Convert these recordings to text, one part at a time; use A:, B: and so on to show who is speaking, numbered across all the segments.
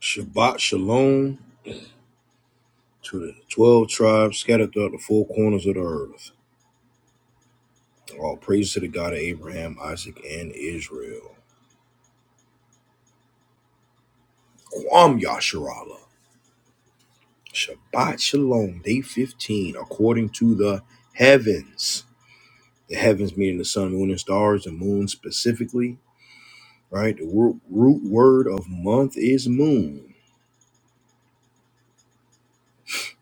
A: Shabbat Shalom to the 12 tribes scattered throughout the four corners of the earth. All praise to the God of Abraham, Isaac, and Israel. Kwam Yasharala. Shabbat Shalom, day 15, according to the heavens. The heavens meaning the sun, moon, and stars, the moon specifically, right? The root, root word of month is moon,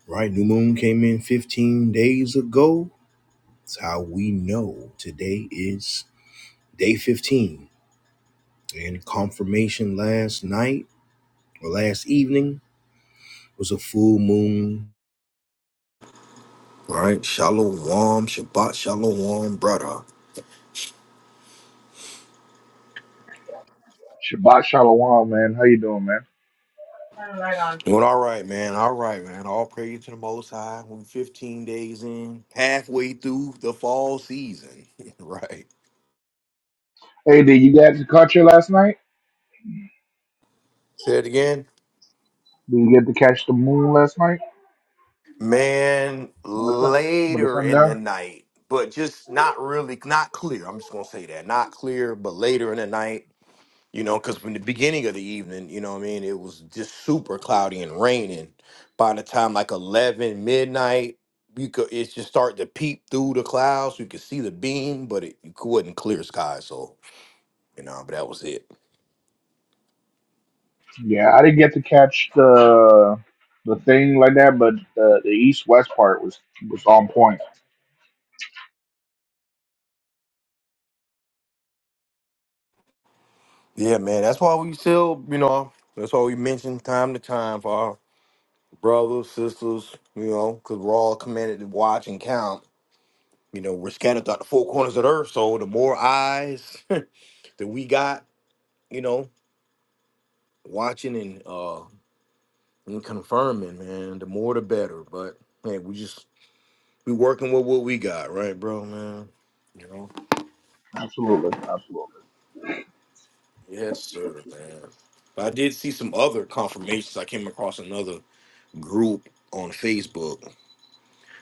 A: right? New moon came in 15 days ago. That's how we know today is day 15 And confirmation last night or last evening was a full moon. Right? Shalom, Shabbat, Shalom, brother.
B: Shabbat Shalom, man. How you doing, man? Turn Right on.
A: Doing all right, man. All right, man. All praise to the Most High. We're 15 days in, halfway through the fall season. right.
B: Hey, did you get to catch it last night?
A: Say it again.
B: Did you get to catch the moon last night
A: Man,
B: when the sun when the
A: later
B: sun
A: in the
B: down?
A: night, but just not really, not clear. I'm just going to say that. Not clear, but later in the night. you know, because from the beginning of the evening, you know what I mean, it was just super cloudy and raining. By the time like eleven midnight, you could it just started to peep through the clouds. You could see the beam, but it, it wasn't clear sky. So you know, but that was it.
B: Yeah, I didn't get to catch the the thing like that, but the, the east west part was was on point.
A: Yeah, man, that's why we still, you know, that's why we mention time to time for our brothers, sisters, you know, because we're all commanded to watch and count. You know, we're scattered throughout the four corners of the earth. So the more eyes that we got, you know. watching and uh and confirming, man. The more the better. But hey, we just we working with what we got, right, bro, man? You know?
B: Absolutely, absolutely.
A: Yes, sir, man. But I did see some other confirmations. I came across another group on Facebook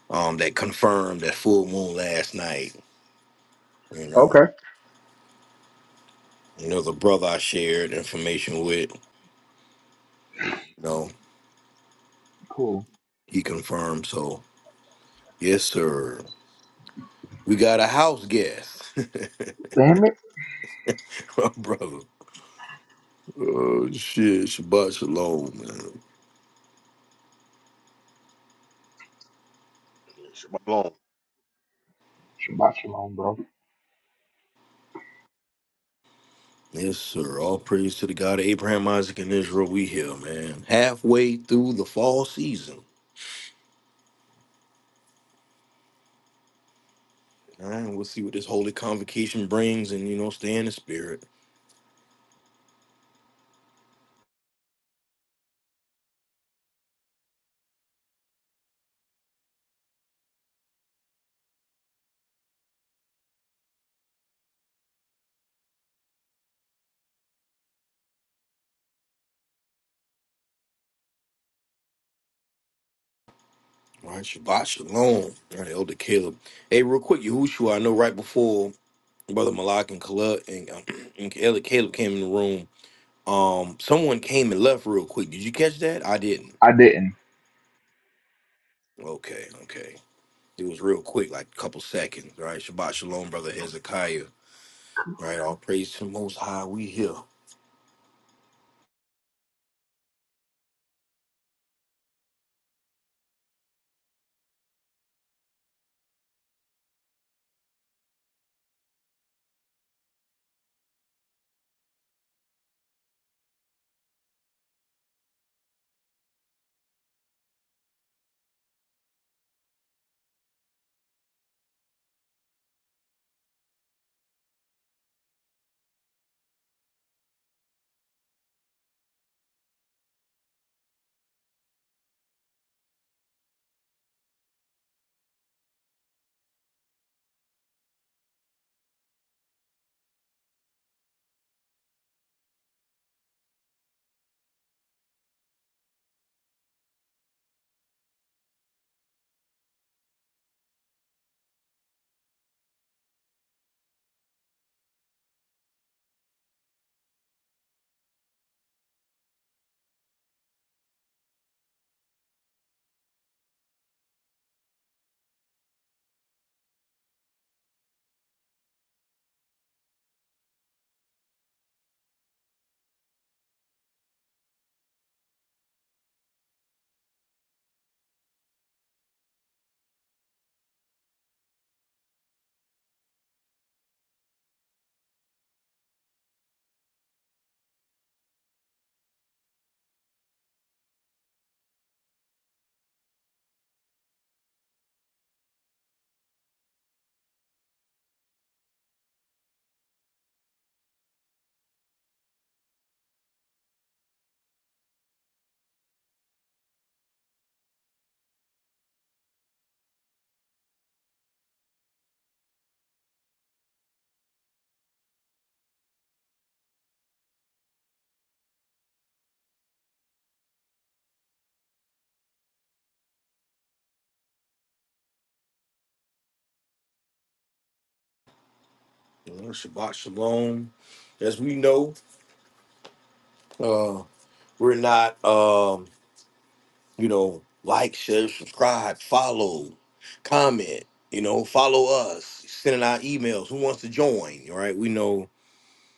A: um that confirmed that full moon last night, you know.
B: Okay,
A: And there's a brother I shared information with, you know,
B: cool.
A: he confirmed. So yes, sir. We got a house guest,
B: Damn it,
A: brother. Uh, shit, Shabbat Shalom, man.
B: Shabbat Shalom, bro.
A: Yes, sir. All praise to the God of Abraham, Isaac, and Israel. We here, man. Halfway through the fall season. All right, we'll see what this holy convocation brings and, you know, stay in the spirit. All right, Shabbat Shalom. All right, Elder Caleb. Hey, real quick, Yahushua, I know right before Brother Malak and Kaleb and, um, and Elder Caleb came in the room, um, someone came and left real quick. Did you catch that? I didn't.
B: I didn't.
A: Okay, okay. It was real quick, like a couple seconds, right? Shabbat Shalom, brother Hezekiah, right? All praise to the Most High, we here. You know, Shabbat Shalom. As we know, uh, we're not, um, you know, like, share, subscribe, follow, comment, you know, follow us, sending our emails. Who wants to join, all right? We know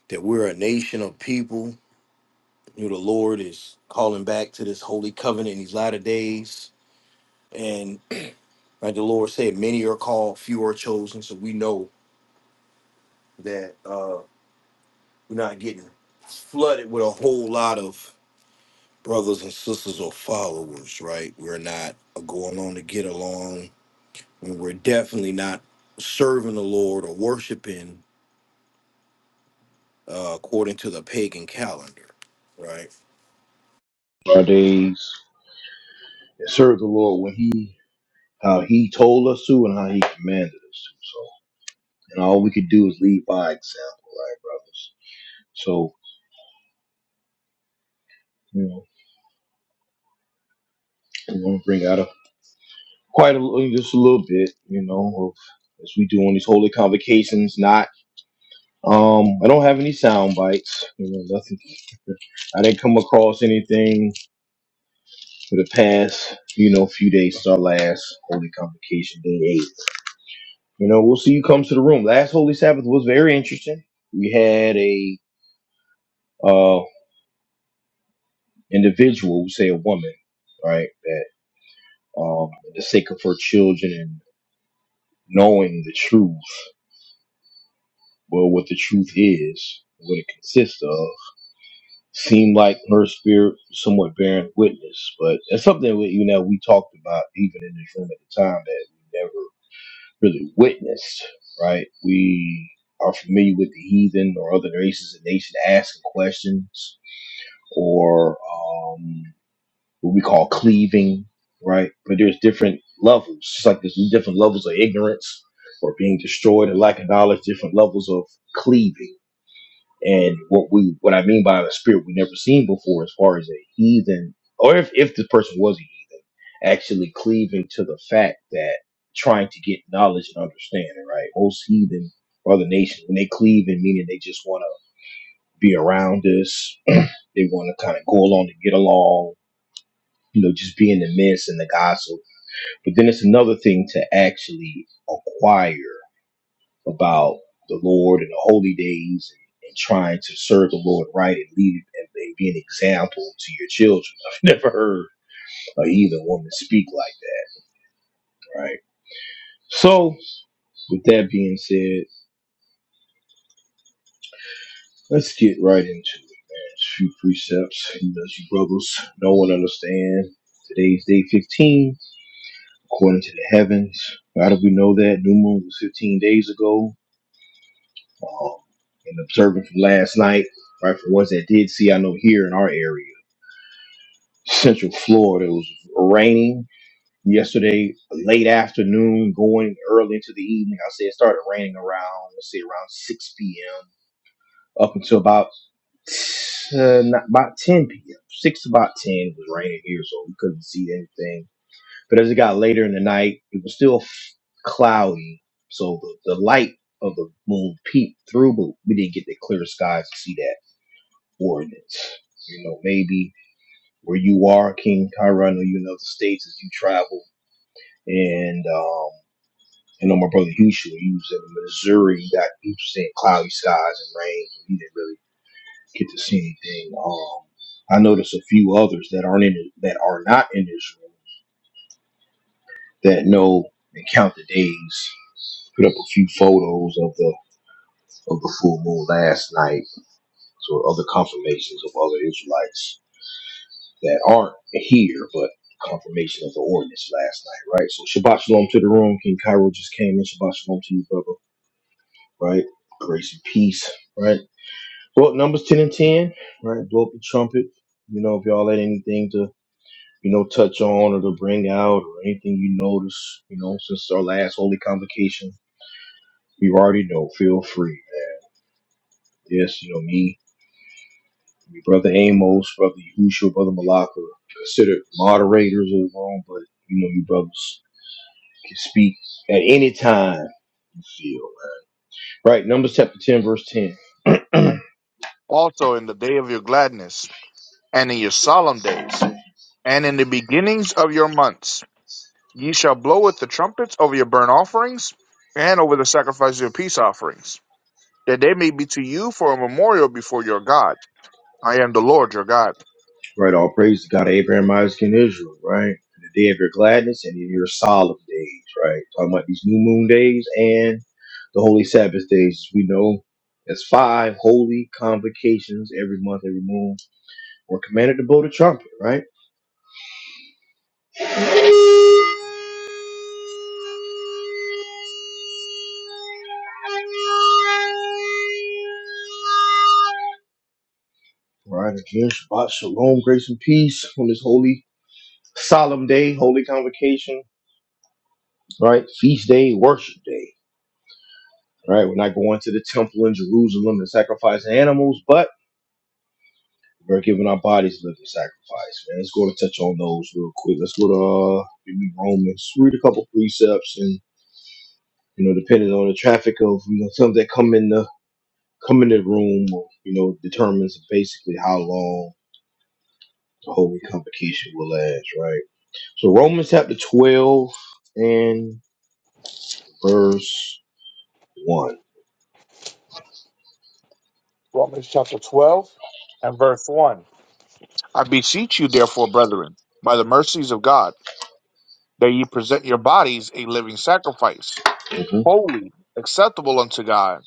A: that we're a nation of people. You know, the Lord is calling back to this holy covenant in these latter days. And Like the Lord said, many are called, few are chosen. So we know that uh, we're not getting flooded with a whole lot of brothers and sisters or followers, right? We're not going on to get along. And we're definitely not serving the Lord or worshiping uh, according to the pagan calendar, right? our days serve the Lord when He, how He told us to, and how He commanded us to. So, and all we could do is lead by example, right, brothers? So, I'm gonna bring out a quite a little- just a little bit, you know, of, as we do on these holy convocations. Not, um, I don't have any sound bites, you know, nothing. I didn't come across anything for the past, you know, few days since our last holy convocation, day eight. You know, we'll see you comes to the room. Last holy Sabbath was very interesting. We had a uh individual, we say a woman, right, that um, for the sake of her children and knowing the truth. Well, what the truth is, what it consists of, seemed like her spirit somewhat bearing witness. But that's something that we, you know we talked about even in this room at the time that we never really witnessed. Right? We are familiar with the heathen or other races and nations asking questions or um, what we call cleaving. Right? But there's different levels. It's like there's different levels of ignorance or being destroyed and lack of knowledge. Different levels of cleaving and what we what I mean by a spirit we never seen before as far as a heathen or if, if this person was a heathen, actually cleaving to the fact that trying to get knowledge and understanding, right? Most heathen or other nations, when they cleave in meaning they just wanna be around us, they wanna kinda go along to get along, you know, just be in the midst and the gossip. But then it's another thing to actually acquire about the Lord and the holy days and, and trying to serve the Lord right and lead and, and be an example to your children. I've never heard a heathen woman speak like that, right? So, with that being said, let's get right into it. man. a Few precepts, you know, you brothers, no one understand. Today's day 15, according to the heavens. How do we know that? New moon was 15 days ago. Um, and observing from last night, right? For ones that did see, I know here in our area. Central Florida. It was raining yesterday, late afternoon, going early into the evening. I say it started raining around, let's say around 6 p.m. up until about uh, not, about 10 p.m. 6 to about 10 it was raining here, so we couldn't see anything. But as it got later in the night, it was still f- cloudy, so the, the light of the moon peeped through, but we didn't get the clear skies to see that ordinance. You know, maybe where you are, King Kyra. I know you know the states as you travel, and um, I know my brother Houston, he was in Missouri. He got he was seeing cloudy skies and rain. He didn't really get to see anything. Um, I noticed a few others that aren't in that are not in this room that know and count the days. Put up a few photos of the of the full moon last night, so other confirmations of other Israelites that aren't here, but confirmation of the ordinance last night, right? So Shabbat Shalom to the room. King Cairo just came in. Shabbat Shalom to you, brother, right? Grace and peace, right? Well, numbers 10 and 10, right? Blow up the trumpet. You know, if y'all had anything to, you know, touch on or to bring out or anything you notice, you know, since our last holy convocation, you already know, feel free, man. Yes, you know, me, your brother Amos, brother Yahushua, brother Malaka, considered moderators of the room, but you know, you brothers. can speak at any time you feel. man. Right, Numbers chapter 10, verse 10.
B: also in the day of your gladness, and in your solemn days, and in the beginnings of your months. Ye shall blow with the trumpets over your burnt offerings and over the sacrifice of your peace offerings, that they may be to you for a memorial before your God. I am the Lord your God.
A: right, all praise to God of Abraham, Isaac, and Israel, right? In the day of your gladness and in your solemn days, right? Talking about these new moon days and the holy Sabbath days. We know that's five holy convocations every month, every moon. We're commanded to blow the trumpet, right? Right, again, Shabbat, Shalom, grace and peace on this holy, solemn day, holy convocation, right? Feast day, worship day Right? We're not going to the temple in Jerusalem and sacrificing animals, but we're giving our bodies a living sacrifice. Man, let's go to touch on those real quick. Let's go to uh, give Romans, read a couple precepts, and you know, depending on the traffic of you know some that come in the come in the room, you know, determines basically how long the holy convocation will last. Right. So Romans chapter twelve and verse one.
B: Romans chapter 12 and verse 1. I beseech you, therefore, brethren, by the mercies of God, that ye present your bodies a living sacrifice,
A: Mm-hmm.
B: holy, acceptable unto God,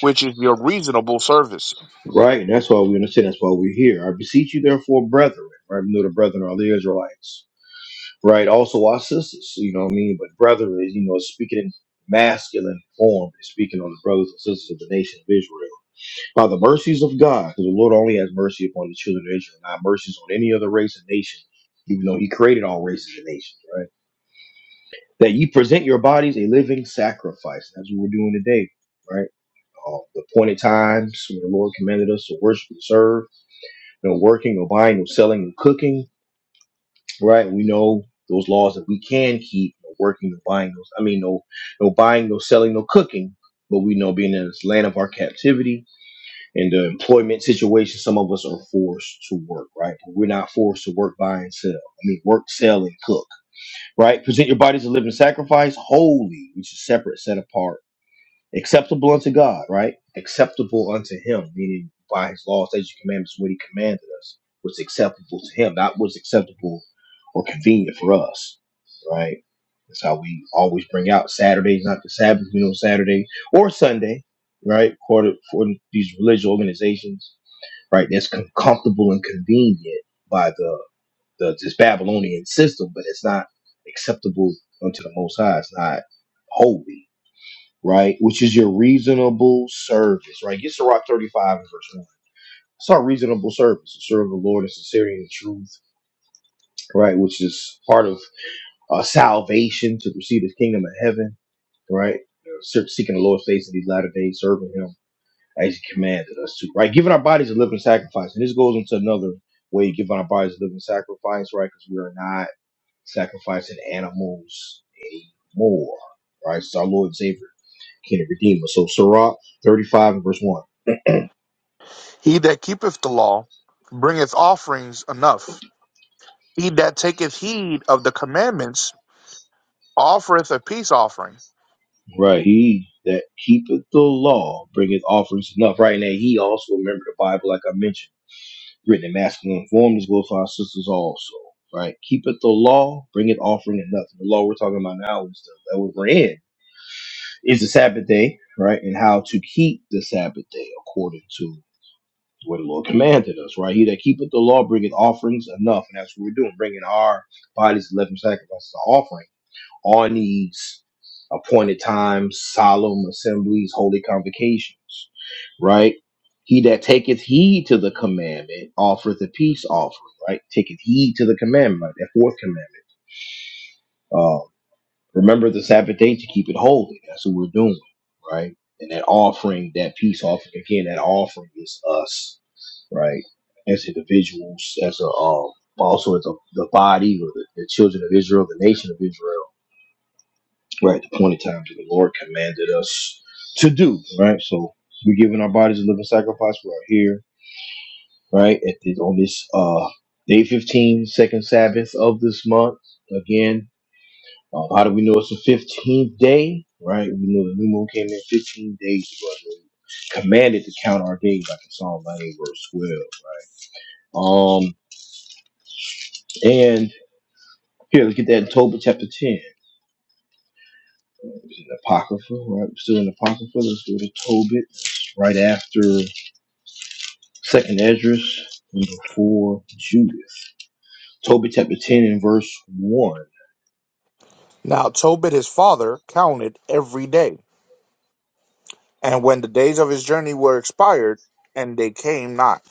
B: which is your reasonable service.
A: Right? And that's why we understand. That's why we're here. I beseech you, therefore, brethren, right? We know the brethren are the Israelites, right? Also, our sisters, you know what I mean? But brethren is, you know, speaking in masculine form, it's speaking on the brothers and sisters of the nation of Israel. By the mercies of God, because the Lord only has mercy upon the children of Israel, not mercies on any other race and nation, even though He created all races and nations, right? That you present your bodies a living sacrifice. That's what we're doing today, right? Uh, the appointed times when the Lord commanded us to worship and serve you know, working or buying or selling or cooking, right? We know those laws that we can keep, no working or buying those. I mean, no, no buying, no selling, no cooking. But we know being in this land of our captivity and the employment situation, some of us are forced to work, right? But we're not forced to work, buy, and sell. I mean, work, sell, and cook, right? Present your bodies a living sacrifice, holy, which is separate, set apart acceptable unto God, right? Acceptable unto Him, meaning by His law, statutes, and commandments, what He commanded us was acceptable to Him, not was acceptable or convenient for us, right? That's how we always bring out Saturdays, not the Sabbath, you know, Saturday or Sunday, right? According for these religious organizations, right? That's com- comfortable and convenient by the, the this Babylonian system, but it's not acceptable unto the Most High. It's not holy right? Which is your reasonable service, right? Get Sirach 35 and verse 1. It's our reasonable service to serve the Lord in sincerity and truth, right? Which is part of uh, salvation to receive his kingdom of heaven, right? Se- Seeking the Lord's face in these latter days, serving him as he commanded us to, right? Giving our bodies a living sacrifice. And this goes into another way of giving our bodies a living sacrifice, right? Because we are not sacrificing animals anymore, right? It's our Lord and Savior, King and Redeemer. So, Sirach 35 and verse 1.
B: He that keepeth the law bringeth offerings enough. He that taketh heed of the commandments offereth a peace offering.
A: Right. He that keepeth the law bringeth offerings enough. Right now, he also remember the Bible, like I mentioned, written in masculine form. This goes for our sisters also. Right. Keepeth the law, bringeth offering enough. The law we're talking about now is the that we're in is the Sabbath day, right? And how to keep the Sabbath day according to what the Lord commanded us, right? He that keepeth the law bringeth offerings enough. And that's what we're doing, bringing our bodies, living sacrifices, to offering all needs, appointed times, solemn assemblies, holy convocations, right? He that taketh heed to the commandment offereth a peace offering, right? Taketh heed to the commandment, right? that fourth commandment. Um, remember the Sabbath day to keep it holy. That's what we're doing, right? And that offering, that peace offering, again, that offering is us, right? As individuals, as a um, also as a, the body or the, the children of Israel, the nation of Israel right? The appointed time that the Lord commanded us to do, right? So we're giving our bodies a living sacrifice. We are here, right? At this, on this uh day 15, second Sabbath of this month. Again, uh, how do we know it's the 15th day, right? We know the new moon came in 15 days ago. and we Commanded to count our days, like in Psalm ninety verse 12. Um, and here, let's get that in Tobit chapter 10. It's in the Apocrypha, right? We're still in the Apocrypha. Let's go to Tobit. It's right after Second Esdras, number four, Judith. Tobit, chapter 10 and verse 1.
B: Now Tobit his father counted every day, and when the days of his journey were expired, and they came not.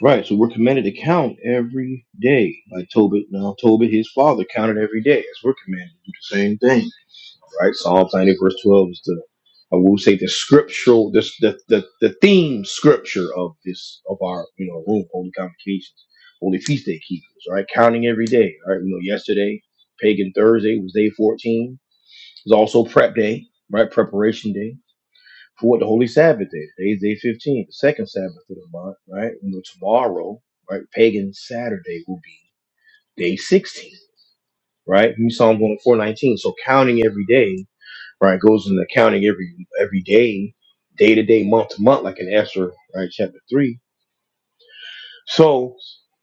A: Right, so we're commanded to count every day. Like Tobit, now Tobit, his father, counted every day, as we're commanded to do the same thing. Right? Psalms 90 verse 12 is the I will say the scriptural this the, the the theme scripture of this of our you know room, holy convocations, holy feast day keepers, right? Counting every day. Right. We know yesterday, pagan Thursday was day 14. It was also prep day, right? Preparation day. for what the holy Sabbath day. Today's day 15, the second Sabbath of the month, right? You know, tomorrow, right, pagan Saturday will be day 16, right? You saw him going 419. So counting every day, right, goes into counting every every day, day to day, month to month, like in Esther, right, chapter three. So,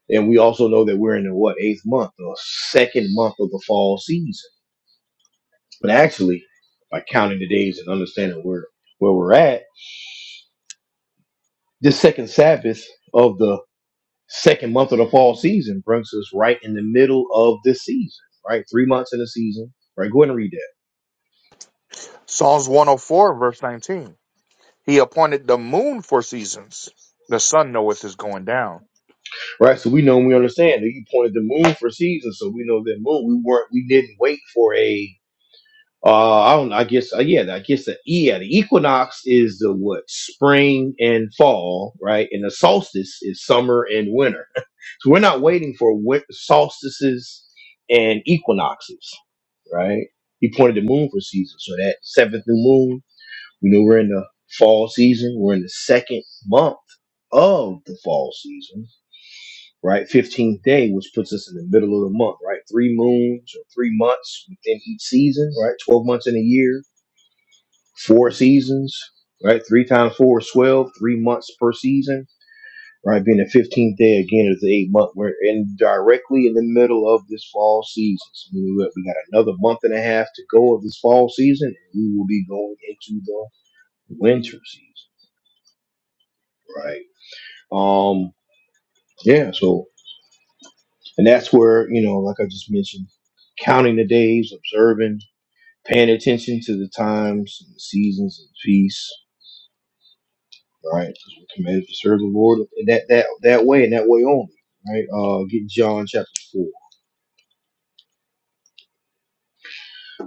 A: and we also know that we're in the what eighth month, the second month of the fall season. But actually, by counting the days and understanding where where we're at, this second Sabbath of the Second month of the fall season brings us right in the middle of this season, right? Three months in the season, right? Go ahead and read that,
B: Psalms 104, verse 19. He appointed the moon for seasons. The sun knoweth his going down.
A: right? So we know and we understand that you pointed the moon for season, so we know that moon. We weren't, we didn't wait for a. Uh, I don't. I guess. Uh, yeah. I guess the E, yeah. The equinox is the what spring and fall, right? And the solstice is summer and winter. So we're not waiting for win- solstices and equinoxes, right? He pointed the moon for season, so that seventh new moon You know, we're in the fall season. We're in the second month of the fall season, right? 15th day, which puts us in the middle of the month, right? Three moons or three months within each season, right? 12 months in a year, four seasons, right? Three times four is 12, three months per season, right? Being the 15th day again is the eighth month. We're in directly in the middle of this fall season. So we got we got another month and a half to go of this fall season, and we will be going into the winter season, right? Um, yeah, so and that's where, you know, like I just mentioned, counting the days, observing, paying attention to the times and the seasons of feasts, right? 'Cause we're commanded to serve the Lord in that that that way and that way only. Right? Uh get John chapter four.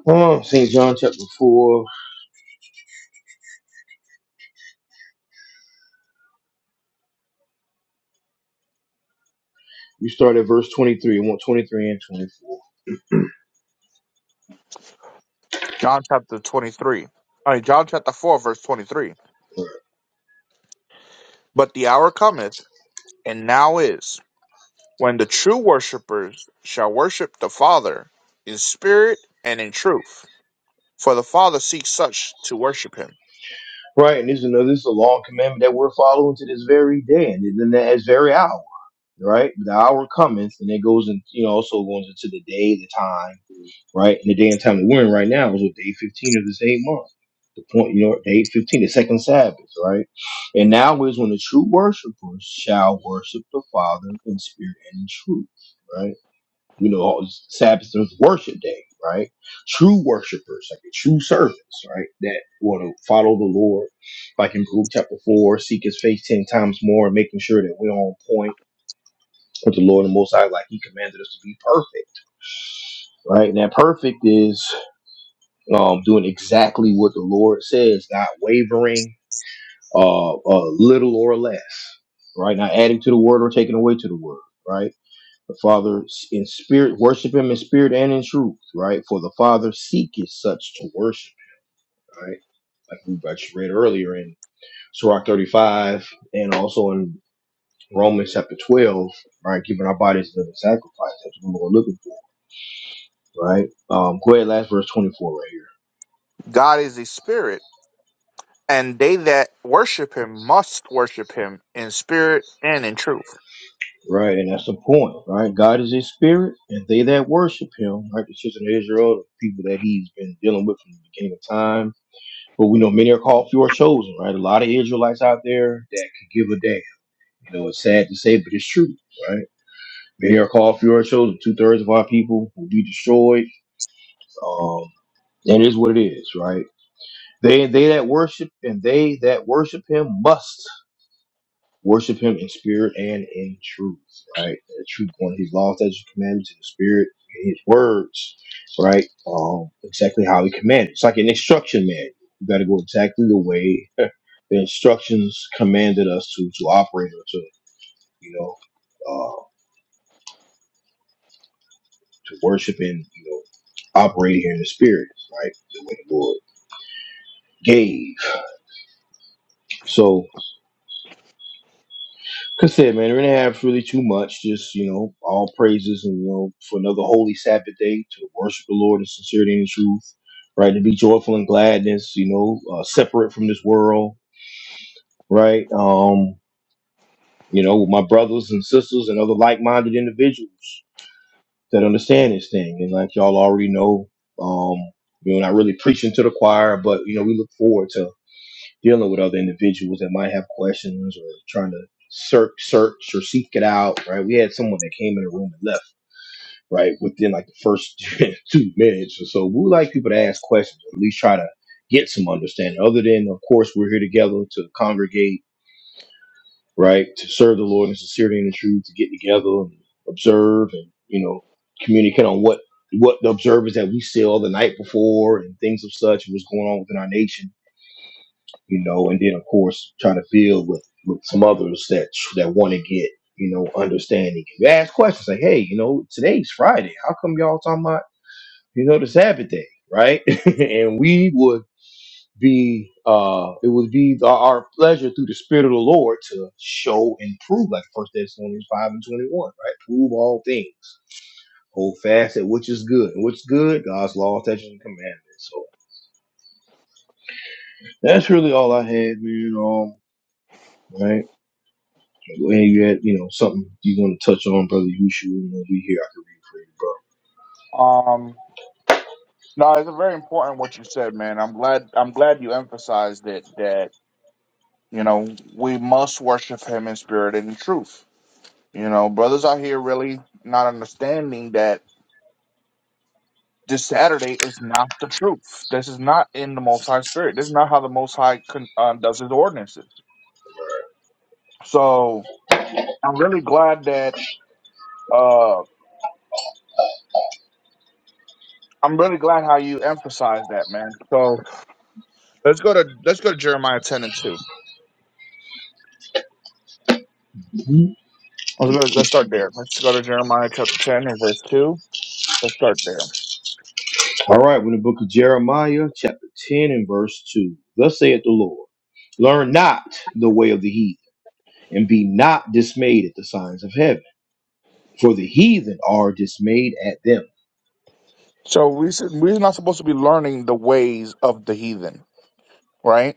A: Uh St. John chapter four. We start at verse twenty three. I want twenty three and twenty four.
B: John chapter 23. I mean, John chapter 4, verse 23. But the hour cometh, and now is, when the true worshippers shall worship the Father in spirit and in truth. For the Father seeks such to worship him.
A: Right, and this is another this is a long commandment that we're following to this very day and in that very hour. right? The hour cometh, and it goes in, you know, also goes into the day, the time, right? And the day and time that we're in right now is what day 15 of this eight month. The point, you know, day 15, the second Sabbath, right? And now is when the true worshipers shall worship the Father in spirit and in truth, right? You know, Sabbath is worship day, right? True worshipers, like the true servants, right? That want to follow the Lord, like in Luke chapter 4, seek his face 10 times more, making sure that we're on point with the Lord and the Most High, like He commanded us to be perfect, right? And that perfect is um, doing exactly what the Lord says, not wavering, uh, uh, little or less, right? Not adding to the word or taking away to the word, right? The Father in spirit, worship Him in spirit and in truth, right? For the Father seeketh such to worship, right? Like we just read earlier in Sirach 35 and also in Romans chapter 12, right? Giving our bodies a living sacrifice. That's what we're looking for right? Um, go ahead, last verse 24 right here.
B: God is a spirit, and they that worship him must worship him in spirit and in truth.
A: Right, and that's the point, right? God is a spirit, and they that worship him, right? The children of Israel, the people that he's been dealing with from the beginning of time. But we know many are called, few are chosen, right? A lot of Israelites out there that could give a damn. You know, it's sad to say, but it's true, right? Many are called, few are chosen. Two thirds of our people will be destroyed. Um, and it is what it is, right? They they that worship and they that worship him must. Worship him in spirit and in truth, right? The truth, one of his laws, statutes, and commandments, and the spirit, and his words, right? Um, exactly how he commanded. It's like an instruction manual. You got to go exactly the way the instructions commanded us to to operate or to, you know, uh, to worship and you know, operate here in the spirit, right? The way the Lord gave. So. That's it, man. we're gonna have really too much. Just you know, all praises and you know for another holy Sabbath day to worship the Lord in sincerity and truth, right? To be joyful and gladness, you know, uh, separate from this world, right? Um, you know, with my brothers and sisters and other like-minded individuals that understand this thing, and like y'all already know, um, you know, not really preaching to the choir, but you know, we look forward to dealing with other individuals that might have questions or trying to search search or seek it out right we had someone that came in the room and left right within like the first two minutes or so we like people to ask questions or at least try to get some understanding other than of course we're here together to congregate right to serve the lord in sincerity and the truth to get together and observe and you know communicate on what what the observers that we saw the night before and things of such what's going on within our nation you know, and then of course trying to build with with some others that that want to get you know understanding. You ask questions like, hey, you know, today's Friday. How come y'all talking about you know the Sabbath day, right? and we would be uh it would be the, our pleasure through the spirit of the lord to show and prove like first thessalonians 5 and 21 right prove all things hold fast at which is good and what's good god's law statutes and commandments so that's really all i had man um right And you had, you know, something you want to touch on, Brother Yushu, you know, we here, I can
B: Um no, it's very important what you said, man. I'm glad I'm glad you emphasized it that, you know, we must worship him in spirit and in truth. You know, brothers out here really not understanding that this Saturday is not the truth. This is not in the Most High Spirit. This is not how the Most High con- uh, does his ordinances. So I'm really glad that uh, I'm really glad how you emphasize that, man. So let's go to let's go to Jeremiah ten and two.
A: read for you, bro.
B: Let's go to, let's
A: Mm-hmm.
B: start there. Let's go to Jeremiah chapter ten and verse two. Let's start there.
A: All right, we're in the book of Jeremiah, chapter 10 and verse 2. Thus saith the Lord, Learn not the way of the heathen, and be not dismayed at the signs of heaven, for the heathen are dismayed at them.
B: So we should- we're not supposed to be learning the ways of the heathen, right?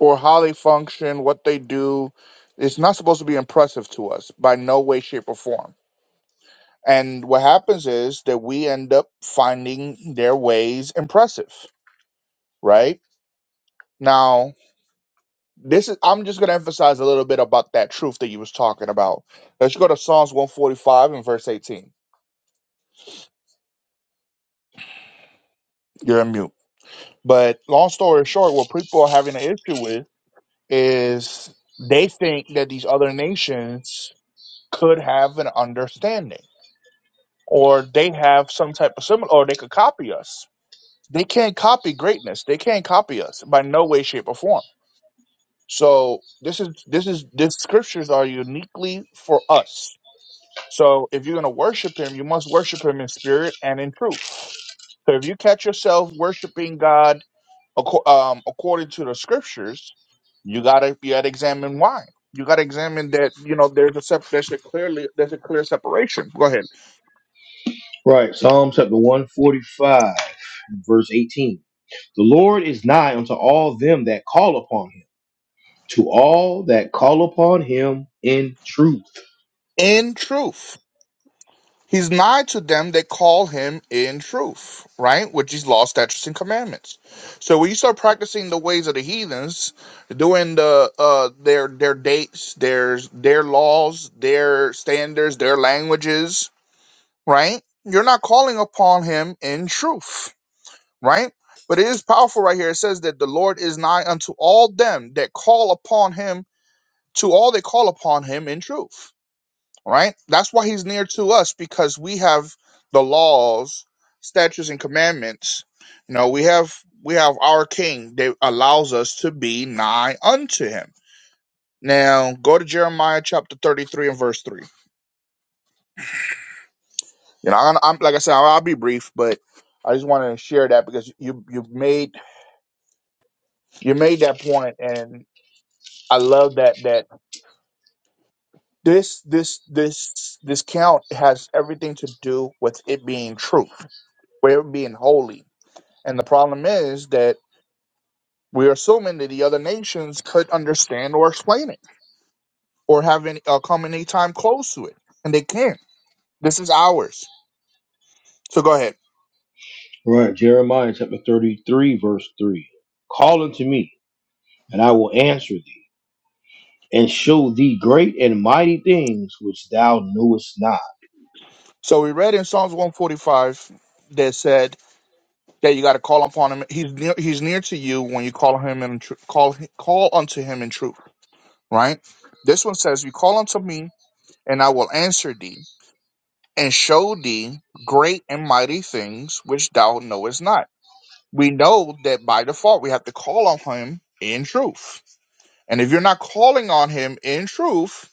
B: Or how they function, what they do. It's not supposed to be impressive to us by no way, shape, or form. And what happens is that we end up finding their ways impressive, right? Now this is i'm just going to emphasize a little bit about that truth that you was talking about let's go to psalms 145 and verse 18 you're in mute but long story short what people are having an issue with is they think that these other nations could have an understanding or they have some type of similar or they could copy us they can't copy greatness they can't copy us by no way shape or form so this is this is this scriptures are uniquely for us So if you're going to worship him, you must worship him in spirit and in truth. So if you catch yourself worshiping God acco- um, according to the scriptures, you gotta you gotta examine why. You gotta examine that you know there's a sep- there's a clearly there's a clear separation. Go ahead.
A: Right, Psalm chapter 145, verse 18. The Lord is nigh unto all them that call upon him, to all that call upon him in truth.
B: In truth. He's nigh to them that call him in truth, right? Which is law, statutes, and commandments. So when you start practicing the ways of the heathens, doing the uh their their dates, their their laws, their standards, their languages, right? You're not calling upon him in truth, right? But it is powerful right here. It says that the Lord is nigh unto all them that call upon him, to all that call upon him in truth right? That's why he's near to us because we have the laws, statutes, and commandments. You know, we have we have our King that allows us to be nigh unto Him. Now, go to Jeremiah chapter thirty-three and verse three. You know, I'm, I'm like I said, I'll, I'll be brief, but I just wanted to share that because you you made you made that point, and I love that that this this this this count has everything to do with it being true, with it being holy And the problem is that we're assuming that the other nations could understand or explain it or have any, uh, come any time close to it. And they can't. This is ours. So go ahead.
A: Right. Jeremiah chapter 33, verse 3. Call unto me, and I will answer thee, and show thee great and mighty things which thou knewest not.
B: So we read in Psalms 145 that said that you got to call upon him. He's near, he's near to you when you call him and tr- call call unto him in truth, right? This one says, "You call unto me, and I will answer thee and show thee great and mighty things which thou knowest not." we know that by default we have to call on him in truth. And if you're not calling on him in truth,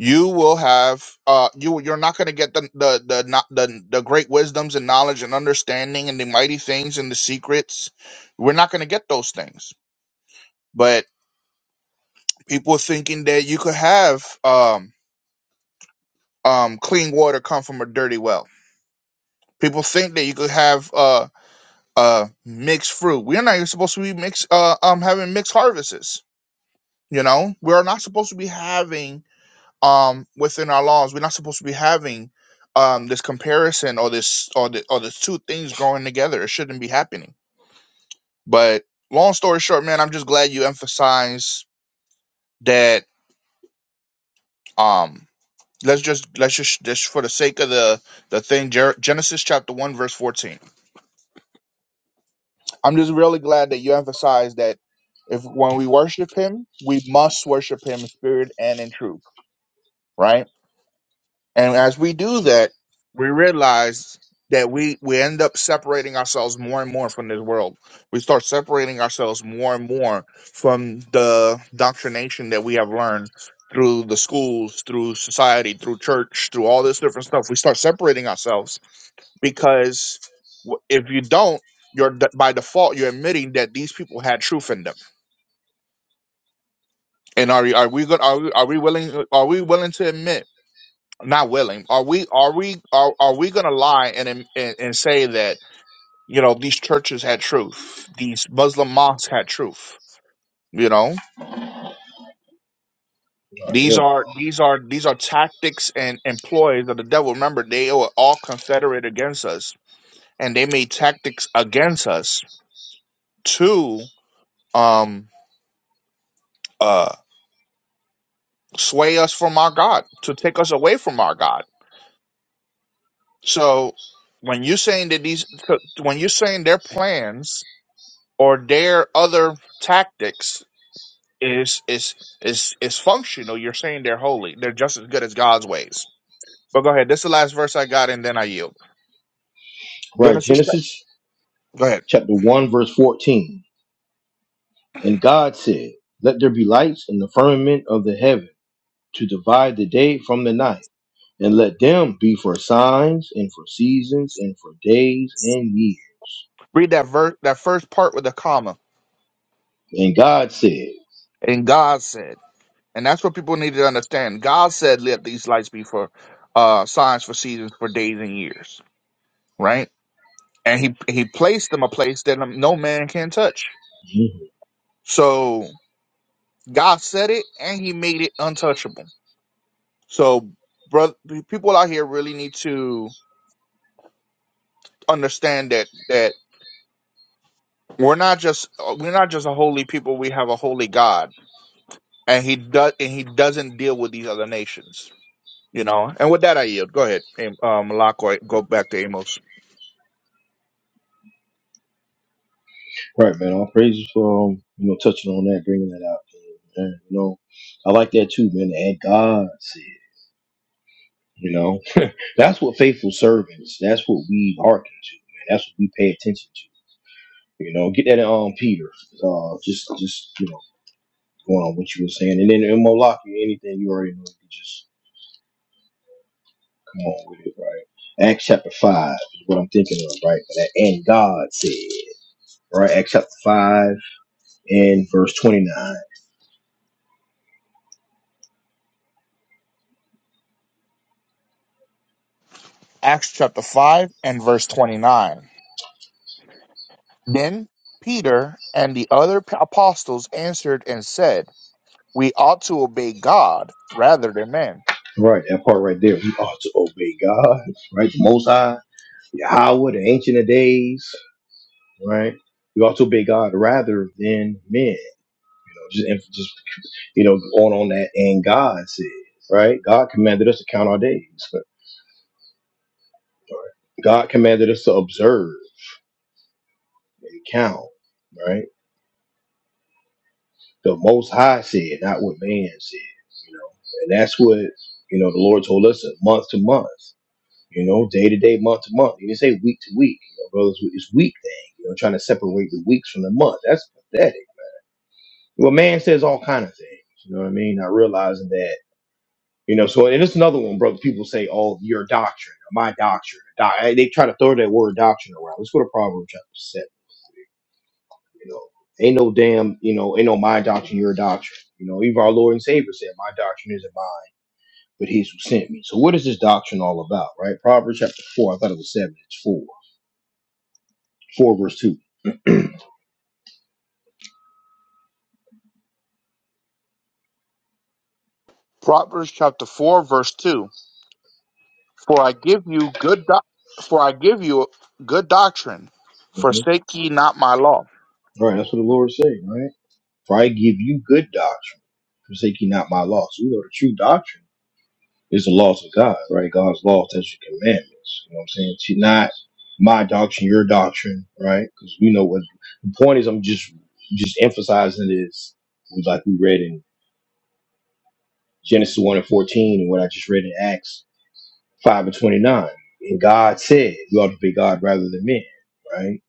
B: you will have uh you you're not going to get the the the not the the great wisdoms and knowledge and understanding and the mighty things and the secrets. We're not going to get those things. But people thinking that you could have um um clean water come from a dirty well. People think that you could have uh uh mixed fruit. We're not even supposed to be mixed uh um having mixed harvests You know, we are not supposed to be having um within our laws. We're not supposed to be having um this comparison or this or the or the two things going together. It shouldn't be happening. But long story short, man, I'm just glad you emphasize that. Um, let's just let's just just for the sake of the the thing, Jer- Genesis chapter one verse fourteen. I'm just really glad that you emphasize that if when we worship Him, we must worship Him in spirit and in truth, right? And as we do
A: Right,
B: that, we realize that we, we end up separating ourselves more and more from this world. We start separating ourselves more and more from the doctrination that we have learned through the schools, through society, through church, through all this different stuff. We start separating ourselves because w- if you don't, you're d- by default you're admitting that these people had truth in them. And are you- are we going are we, are we willing are we willing to admit? not willing are we are we are, are we going to lie and, and and say that you know these churches had truth these muslim mosques had truth you know these
A: hell no.
B: are these are these are tactics and employees of the devil remember they were all confederate against us and they made tactics against us to um uh sway us from our god to take us away from our god so when you're saying that these when you're saying their plans or their other tactics is is is is functional, you're saying they're holy. They're just as good as God's ways. But go ahead. This is the last verse I got, and then I yield.
A: Right,
B: Genesis. chap-
A: Genesis
B: Go ahead.
A: chapter 1, verse 14. And God said, Let there be lights in the firmament of the heaven to divide the day from the night, and let them be for signs and for seasons and for days and years.
B: Read that verse, that first part with a comma.
A: And God said,
B: And God said, and that's what people need to understand. God said, "Let these lights be for uh, signs, for seasons, for days and years." Right? And he he placed them a place that no man can touch.
A: Mhm.
B: So God said it, and He made it untouchable So, brother, people out here really need to understand that that we're not just uh, we're not just a holy people. We have a holy God, and he does and he doesn't deal with these other nations. You know. And with that, I yield. Go ahead, Am- uh, Malak, or Go back to Amos.
A: Right, man, all praises for um, you know touching on that, bringing that out. man. You know, I like that too, man. And God said, you know, that's what faithful servants. That's what we hearken to, man. That's what we pay attention to. You know, get that in um, Peter. Uh, just, just you know, going on what you were saying, and then in Moloch, anything you already know, you just come on with it, right? Acts chapter five is what I'm thinking of, right? That, and God said, right? Acts chapter five and verse twenty nine.
B: Acts chapter five and verse twenty nine. Then Peter and the other p- apostles answered and said, "We ought to obey God rather than men."
A: Right, that part right there. We ought to obey God, right? The Most High Yahweh, the Ancient of Days, right? We ought to obey God rather than men. You know, just, just you know, going on that. And God said, right? God commanded us to count our days. right? God commanded us to observe and count, right? The Most High said, not what man said. You know, and that's what you know. The Lord told us uh, month to month. You know, day to day, month to month. He didn't say week to week. You know, brothers, it's week thing. You know, trying to separate the weeks from the month. That's pathetic Well, man says all kind of things. You know what I mean? Not realizing that. You know, so and it's another one, brother. People say, "Oh, your doctrine, or my doctrine." Doc- Hey, they try to throw that word doctrine around. Let's go to Proverbs chapter seven. You know, ain't no damn, you know, ain't no my doctrine, your doctrine. You know, even our Lord and Savior said, "My doctrine isn't mine, but His who sent me." So, what is this doctrine all about, right? Proverbs chapter four. I thought it was seven. It's four, four verse 2
B: Proverbs chapter four verse two. For I give you good doc for I give you good doctrine.
A: Mhm.
B: Forsake ye not my law.
A: All right, that's what the Lord is saying, right? For I give you good doctrine, forsake you not my law. So we know the true doctrine It's the laws of God, right? God's law, statutes, and commandments. You know what I'm saying? It's not my doctrine, your doctrine, right? Because we know what the point is. I'm just just emphasizing is like we read in Genesis one and fourteen, and what I just read in Acts five and twenty nine. And God said, "You ought to be God rather than men," right?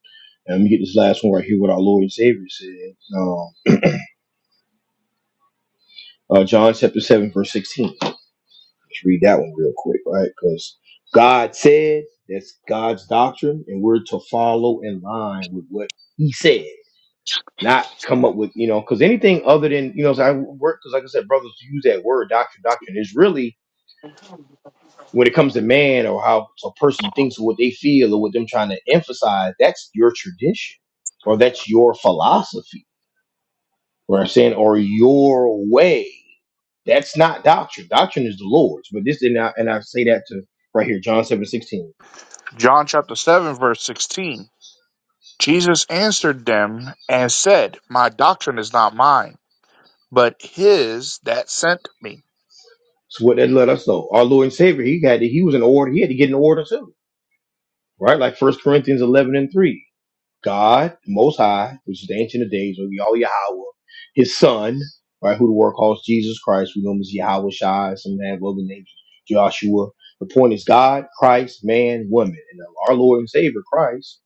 A: And let me get this last one right here. What our Lord and Savior said, um, uh, John chapter seven verse sixteen. Let's read that one real quick, right? Because God said that's God's doctrine, and we're to follow in line with what He said, not come up with, you know, because anything other than, you know, so I work, because like I said, brothers use that word doctrine, doctrine is really when it comes to man or how a person thinks or what they feel or what them trying to emphasize, that's your tradition or that's your philosophy You know what I'm saying? Or your way. That's not doctrine. Doctrine is the Lord's. But this and I and I say that to right here, John seven sixteen.
B: John chapter seven verse sixteen. Jesus answered them and said, My doctrine is not mine, but his that sent me.
A: So what that let us know. Our Lord and Savior, he had to, he was in order, he had to get in order too. Right? Like First Corinthians eleven and three. God, the Most High, which is the Ancient of Days, or Yahweh Yahweh, His Son, right, who the world calls Jesus Christ, we know him as Yahweh Shai, some have other names, Joshua. The point is God, Christ, man, woman, and our Lord and Savior Christ,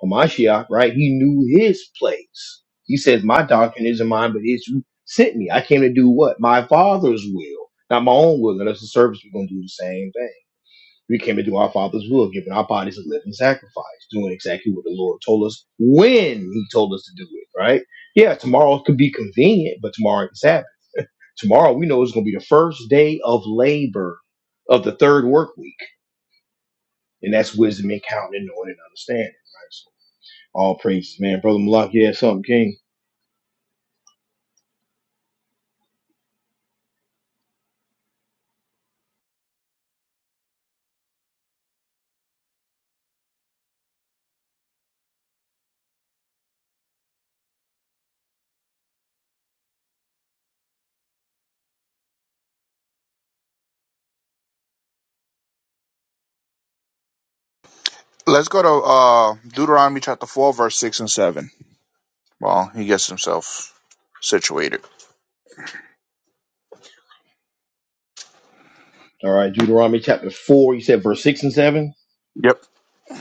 A: or Mashiach, right? He knew His place. He says, "My doctrine isn't mine, but it's who sent me. I came to do what my Father's will, not my own will." And that's the service we're gonna do the same thing. We came to do our Father's will, giving our bodies a living sacrifice, doing exactly what the Lord told us when He told us to do it, right? Yeah, tomorrow could be convenient, but tomorrow is Sabbath. Tomorrow we know is going to be the first day of labor of the third work week, and that's wisdom and counting, and knowing and understanding, right? So, all praises, man. Brother Malak, yeah, something, King.
B: Let's go to uh, Deuteronomy chapter four verse six and seven. Well, he gets himself situated.
A: All right, Deuteronomy chapter 4, you said verse 6 and 7.
B: Yep.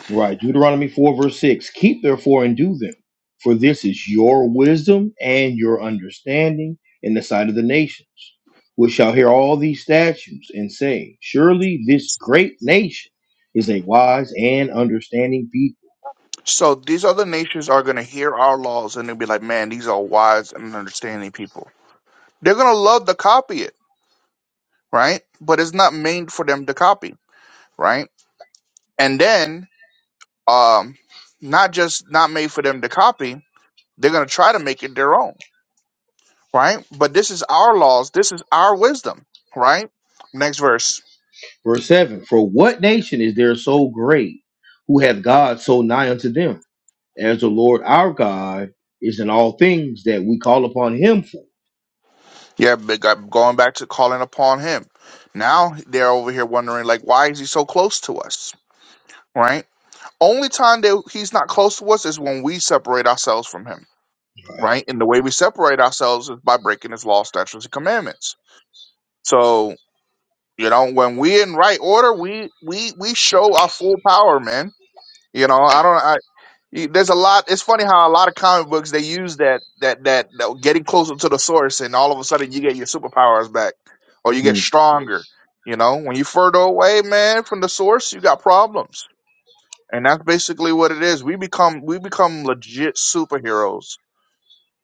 A: Right. Deuteronomy 4, verse 6. Keep therefore and do them, for this is your wisdom and your understanding in the sight of the nations, which shall hear all these statutes and say, Surely this great nation is a wise and understanding people.
B: So these other nations are gonna hear our laws and they'll be like, Man, these are wise and understanding people. They're gonna love to copy it right? But it's not made for them to copy, right? And then, um, not just not made for them to copy, they're gonna try to make it their own, right? But this is our laws, this is our wisdom, right? Next verse,
A: Verse 7. For what nation is there so great who hath God so nigh unto them, as the Lord our God is in all things that we call upon him for?
B: yeah, but go- going back to calling upon him. Now they're over here wondering, like, why is he so close to us, right? Only time that he's not close to us is when we separate ourselves from him,
A: Right.
B: right? And the way we separate ourselves is by breaking his law, statutes, and commandments. So You know, when we in right order, we we we show our full power, man. You know, I don't. I, y- there's a lot. It's funny how a lot of comic books they use that that that, that getting closer to the source, and all of a sudden you get your superpowers back, or you get
A: Hmm.
B: stronger. You know, when you further away, man, from the source, you got problems, and that's basically what it is. We become we become legit superheroes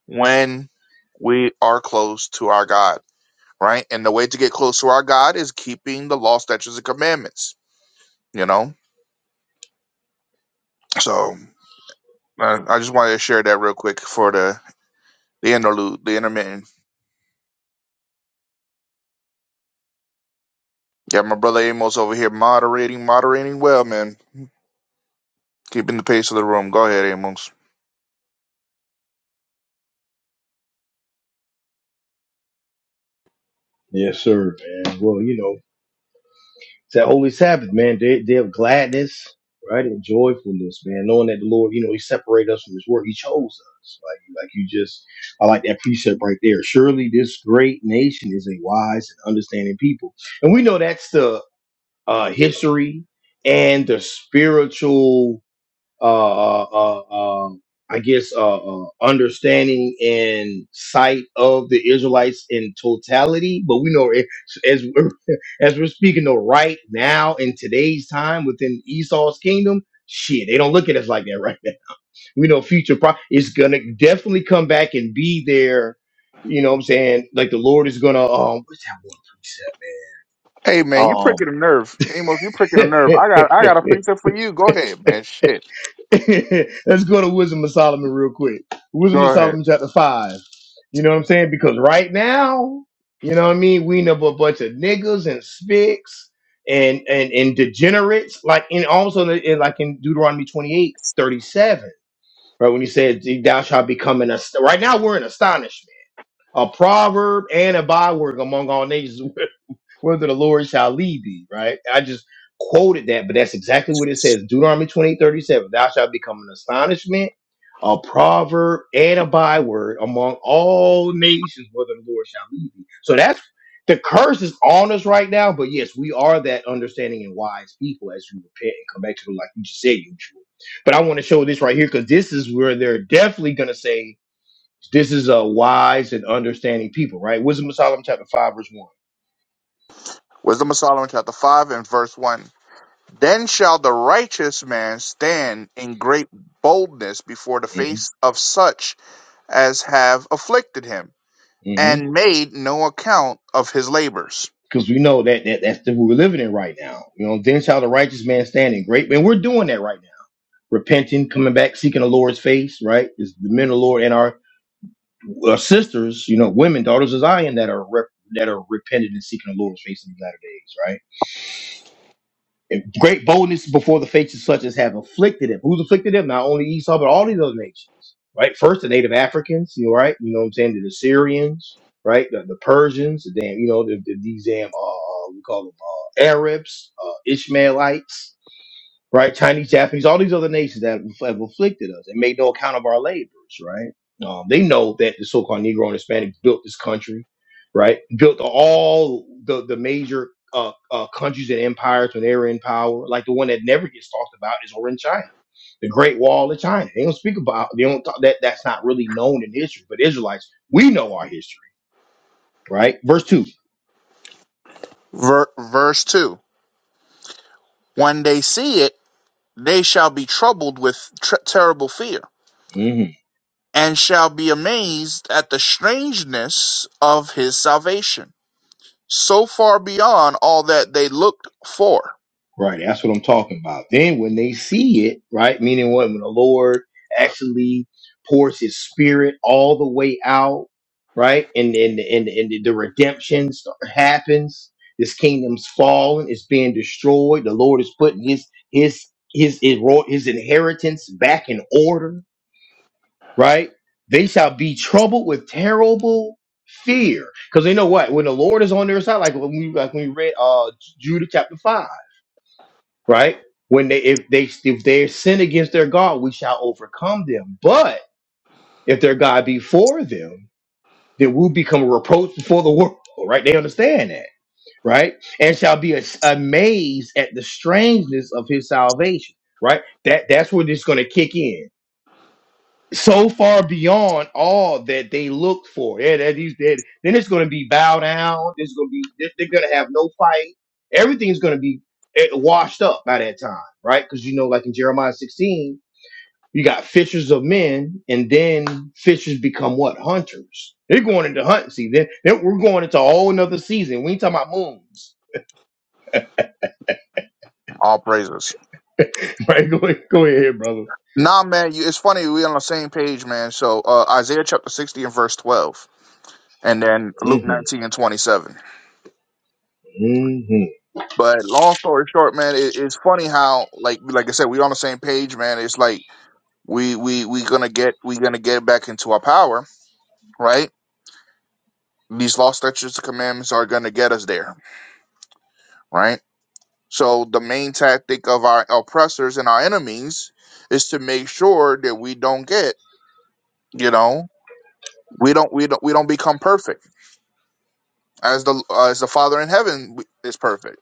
B: when we are close to our God, right? And the way to get close to our God is keeping the law, statutes, and commandments you know. So I, I just wanted to share that real quick for the the interlude, the intermittent. Yeah, my brother Amos over here moderating, moderating well, man. Keeping the pace of the room. Go ahead, Amos.
A: Yes, sir, man. Well, you know. It's that holy Sabbath, man. Day, day of gladness, right, and joyfulness, man. Knowing that the Lord, you know, He separated us from His work. He chose us. Like, like you just, I like that precept right there. Surely this great nation is a wise and understanding people, and we know that's the uh, history and the spiritual uh, uh, uh, um, I guess, uh, uh, understanding and sight of the Israelites in totality. But we know it- as we're, as we're speaking though right now in today's time within Esau's kingdom, shit, they don't look at us like that right now. We know future pro is gonna definitely come back and be there. You know what I'm saying? Like the Lord is gonna um what's
B: Hey
A: that
B: man, you
A: one
B: pricking a nerve. Amos, you pricking a nerve. I
A: precept?
B: got I
A: Um
B: got a pizza for you. Go ahead, man. Shit.
A: Let's go to Wisdom of Solomon real quick. Wisdom of
B: Go ahead.
A: Solomon chapter five. You know what I'm saying? Because right now, you know what I mean, we know a bunch of niggas and spics and and and degenerates, like in also in, in- like in Deuteronomy 28 37, right? When he said thou shalt become an ast-" right now we're in astonishment. A proverb and a byword among all nations whether the Lord shall lead thee, right? I just quoted that, but that's exactly what it says. Deuteronomy 28, thirty-seven. thou shalt become an astonishment, a proverb, and a byword among all nations, whether the Lord shall lead thee. So that's the curse is on us right now, but yes, we are that understanding and wise people as we repent and come back to the like you just said, usual. But I want to show this right here because this is where they're definitely gonna say this is a wise and understanding people, right? Wisdom of Solomon chapter five, verse
B: Wisdom of Solomon chapter five and verse one. Then shall the righteous man stand in great boldness before the
A: one.
B: face of such as have afflicted him
A: hmm
B: and made no account of his labors.
A: because we know that, that that's the world we're living in right now. You know, then shall the righteous man stand in great, and we're doing that right now. Repenting, coming back, seeking the Lord's face, right? Is the men of the Lord and our, our sisters, you know, women, daughters of Zion that are rep, that are repenting and seeking the Lord's face in the latter days, right? Great boldness before the faces such as have afflicted him. Who's afflicted him? Not only Esau, but all these other nations, right? First, the native Africans, you know, right? You know what I'm saying? The Assyrians, right? The, the Persians, the damn, you know, the, the, these damn, uh, uh, we call them uh, Arabs, uh, Ishmaelites, right? Chinese, Japanese, all these other nations that have have afflicted us and made no account of our labors, right? Um, they know that the so-called Negro and Hispanic built this country, right? Built all the the major uh, uh, countries and empires when they were in power. Like the one that never gets talked about is over in China, the Great Wall of China. They don't speak about. They don't talk, that. That's not really known in history. But Israelites, we know our history, right? Verse 2
B: Ver- verse 2 When they see it, they shall be troubled with tr- terrible fear,
A: Mm-hmm.
B: and shall be amazed at the strangeness of his salvation, so far beyond all that they looked for.
A: Right, that's what I'm talking about. Then when they see it, right, meaning what when the Lord actually pours His Spirit all the way out, right, and and and, and the redemption start- happens. This kingdom's fallen; it's being destroyed. The Lord is putting His His His His, ro- his inheritance back in order, right? They shall be troubled with terrible fear, because they know what when the Lord is on their side, like when we like when we read uh Judah chapter five right? When they if they if they sin against their God, we shall overcome them. But if their God be for them, then we'll become a reproach before the world, right? They understand that, right? And shall be as- amazed at the strangeness of his salvation, right? That that's where this is going to kick in so far beyond all that they looked for. Yeah, that he's dead. Then it's going to be bow down. There's going to be they're, they're going to have no fight. Everything's going to be eh, washed up by that time, right? Because you know, like in Jeremiah 16, you got fishers of men, and then fishers become what hunters. They're going into hunting season. Then, then we're going into a whole another season. We ain't talking about moons,
B: All praises.
A: right? Go ahead, go ahead, brother.
B: Nah, man, you, it's funny. we on the same page, man. So uh, Isaiah chapter 60 and verse 12, and then
A: hmm
B: Luke 19 and 27.
A: hmm
B: But long story short, man, it, it's funny how like like I said, we on the same page, man. It's like we we we gonna get we gonna get back into our power, right? These law statutes and commandments are gonna get us there, right? So the main tactic of our oppressors and our enemies is to make sure that we don't get, you know, we don't we don't we don't become perfect as the as the Father in heaven is perfect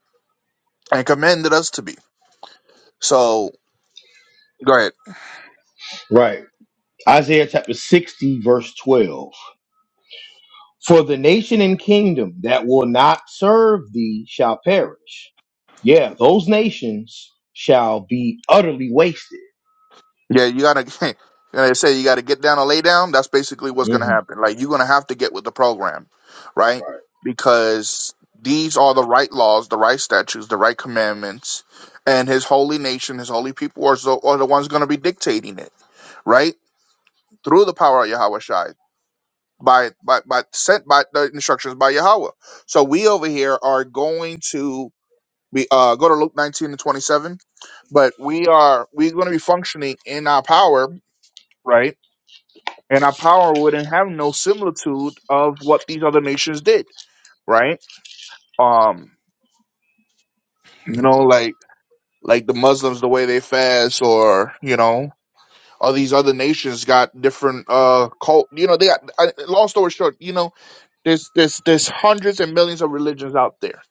B: and commanded us to be. So go ahead.
A: Right. Isaiah chapter 60, verse 12. For the nation and kingdom that will not serve thee shall perish. Yeah, those nations shall be utterly wasted.
B: Yeah, you gotta. And I say you gotta get down and lay down. That's basically what's gonna
A: Mhm.
B: happen. Like you're gonna have to get with the program, right? Because these are the right laws, the right statutes, the right commandments, and His holy nation, His holy people are the, are the ones gonna be dictating it, right? Through the power of Yahweh Shai, by by by sent by the instructions by Yahweh. So we over here are going to be uh go to Luke 19 and 27, but we are we're gonna be functioning in our power, right? and our power wouldn't have no similitude of what these other nations did, right? Um, you know, like like the Muslims, the way they fast, or you know, all these other nations got different uh cult. You know, they got. I, long story short, you know, there's there's there's hundreds and millions of religions out there,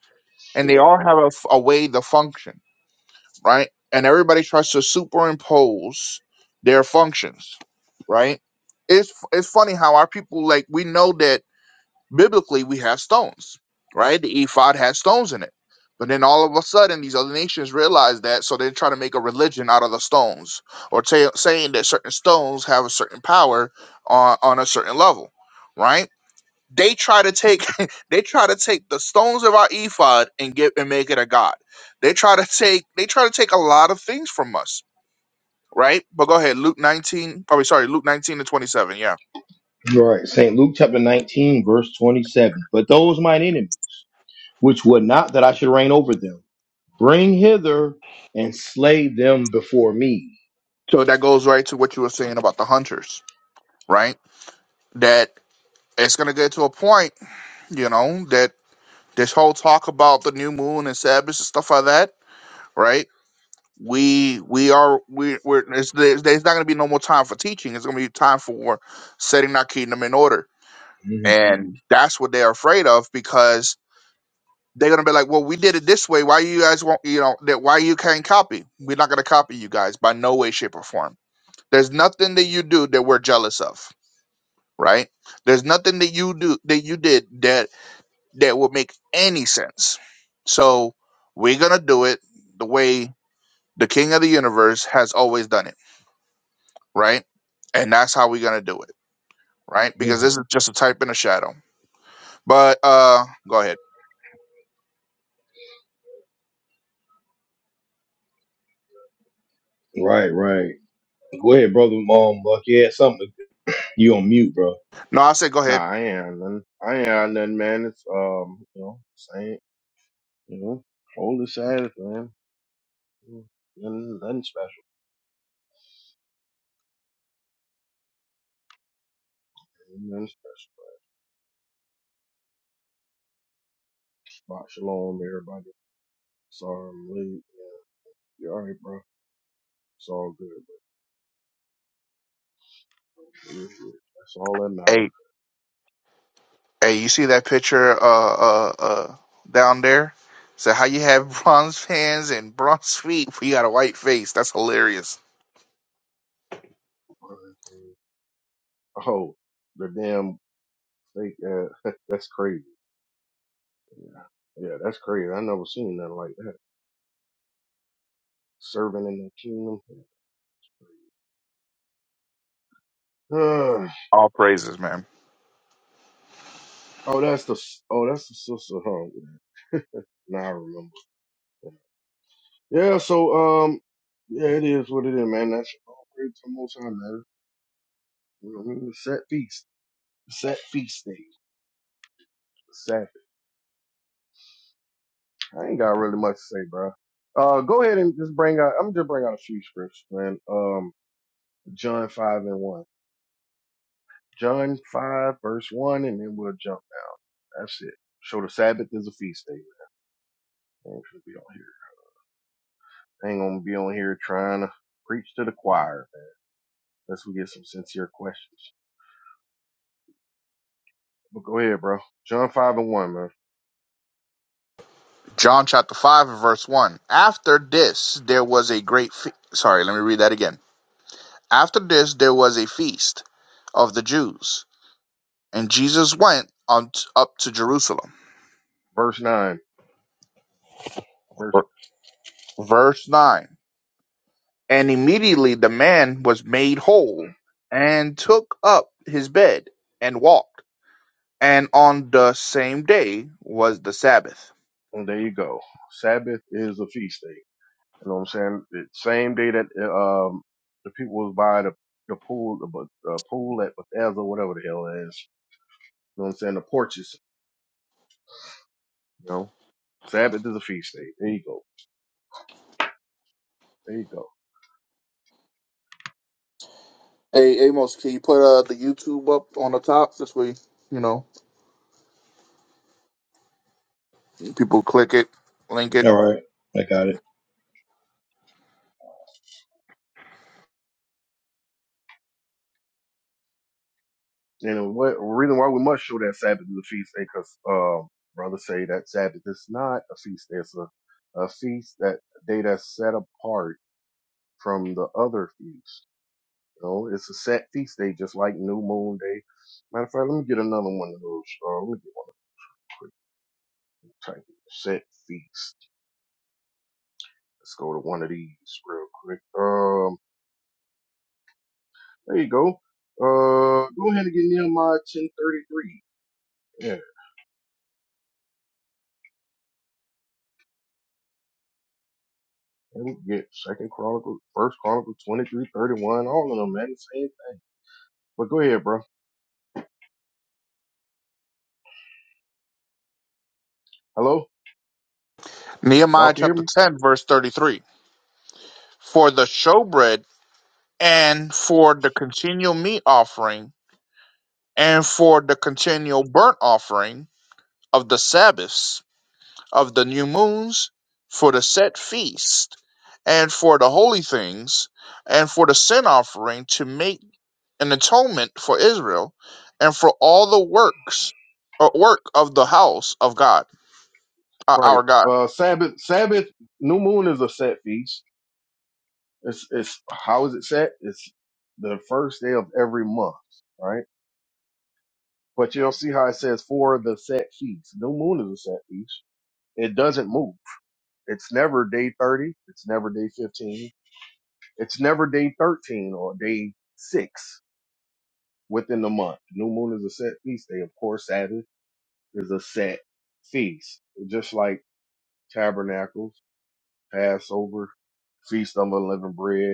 B: and they
A: Yeah.
B: all have a, f- a way to function, right? And everybody tries to superimpose their functions, right? It's it's funny how our people like we know that Biblically, we have stones, right? The ephod has stones in it. But then all of a sudden, these other nations realize that, so they try to make a religion out of the stones, or ta- saying that certain stones have a certain power on, on a certain level, right? They try to take they try to take the stones of our ephod and get and make it a god. They try to take they try to take a lot of things from us, right? But go ahead, Luke nineteen. Probably sorry, Luke nineteen to twenty seven. Yeah.
A: Right. St. Luke chapter 19, verse 27. But those mine enemies, which would not that I should reign over them, bring hither and slay them before me.
B: So that goes right to what you were saying about the hunters, right? that it's going to get to a point, you know, that this whole talk about the new moon and Sabbath and stuff like that, right? We we are we we're it's, there's, there's not going to be no more time for teaching. It's going to be time for setting our kingdom in order,
A: Mhm.
B: and Mhm. that's what they're afraid of because they're going to be like, well, we did it this way. Why you guys won't you know that why you can't copy? We're not going to copy you guys by no way, shape, or form. There's nothing that you do that we're jealous of, right? There's nothing that you do that you did that that would make any sense. So we're gonna do it the way the King of the Universe has always done it, right? And that's how we're gonna do it, right? Because
A: Mhm.
B: this is just a type in a shadow. But uh, go ahead.
A: Right, right. Go ahead, brother. Mom, Buck. Yeah, something. You on mute, bro.
B: No, I said go
C: Nah,
B: ahead.
C: man. I ain't got nothing, man. It's um, you know, same, you know, cold, man. Nothing, nothing special, nothing special. But Shabbat shalom, everybody. Sorry I'm late. Man. You all right, bro? It's all good, bro. You good. That's all that matters.
B: Hey, hey, you see that picture uh uh uh down there? So how you have bronze hands and bronze feet? We got a white face. That's hilarious.
C: Oh, the damn fake. Uh, that's crazy. Yeah, yeah, that's crazy. I never seen nothing like that. Serving in the kingdom.
B: All praises, man.
C: oh, that's the. Oh, that's the sister. Huh? Now I remember. Yeah, so um, yeah, it is what it is, man. That's all great to most high, man. You know what I mean? It's Set feast, set feast day, Sabbath. I ain't got really much to say, bro. Uh, go ahead and just bring out. I'm just bring out a few scripts, man. Um, John five and one, John five verse one, and then we'll jump down. That's it. So the Sabbath is a feast day. Man. Ain't gonna be on here. Ain't gonna be on here trying to preach to the choir, man. Unless we get some sincere questions. But go ahead, bro. John five and one, man.
B: John chapter 5 and verse 1. After this, there was a great fe- sorry, let me read that again. After this, there was a feast of the Jews, and Jesus went on t- up to Jerusalem.
C: Verse nine. Birth-
B: Verse 9. And immediately the man was made whole and took up his bed and walked. And on the same day was the Sabbath.
C: And there you go. Sabbath is a feast day. You know what I'm saying? The same day that um the people was by the the pool, the, Beth- the pool at Bethesda, whatever the hell it is. You know what I'm saying? The porches. You know, Sabbath is a feast day. There you go. There you go.
B: Hey Amos, can you put uh, the YouTube up on the top? This way, you know, people click it, link it.
A: All right. I got it.
C: And what reason why we must show that Sabbath is a feast day? Because um brothers say that Sabbath is not a feast day. It's a a feast that day that's set apart from the other feasts. You know, it's a set feast day, just like New Moon Day. Matter of fact, let me get another one of those. Uh, let me get one quick. Type it. set feast. Let's go to one of these real quick. Um, there you go. Uh, go ahead and get Nehemiah ten thirty three. Yeah, and we can get Second Chronicle, First Chronicle twenty three thirty one. All of them, man, the same thing. But go ahead, bro. Hello, y'all
B: Nehemiah
C: can hear
B: chapter
C: me?
B: 10, verse 33. For the showbread, and for the continual meat offering, and for the continual burnt offering of the Sabbaths, of the new moons, for the set feast, and for the holy things, and for the sin offering to make an atonement for Israel, and for all the works or work of the house of God, uh,
C: Right.
B: our God.
C: Uh, Sabbath, Sabbath, New Moon is a set feast. It's it's how is it set? It's the first day of every month, right? But you'll see how it says for the set feast. New moon is a set feast. It doesn't move. It's never day thirty. It's never day fifteen. It's never day thirteen or day six within the month. New moon is a set feast day. Of course, Sabbath is a set feast, just like tabernacles, Passover, feast of unleavened bread.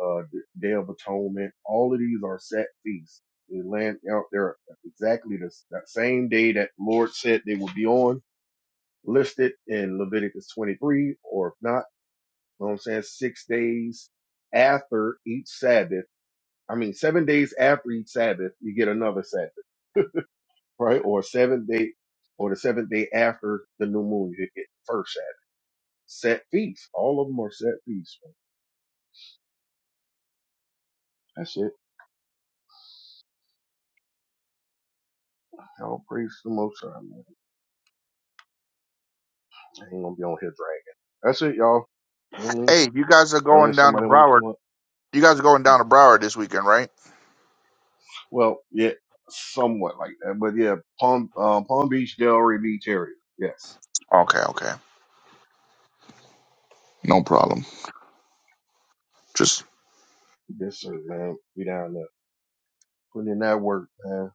C: uh, Day of Atonement. All of these are set feasts. They land out there exactly the, that same day that the Lord said they would be on, listed in Leviticus 23, or if not, you know what I'm saying, six days after each Sabbath. I mean, seven days after each Sabbath, you get another Sabbath, right? Or seven day, or the seventh day after the new moon, you get the first Sabbath. Set feasts. All of them are set feasts. man. That's it. I'll praise the Most High. man. I ain't gonna be on here dragging. That's it, y'all. You know what I mean?
B: Hey, you guys are going
C: Unless
B: down to
C: somebody wanna
B: Broward.
C: come up.
B: You guys are going down to Broward this weekend, right?
C: Well, yeah, somewhat like that. But yeah, Palm uh, Palm Beach Delray Beach area. Yes.
B: Okay, okay. No problem. Just
C: Yes, sir, man. We down there. Putting in that work, man.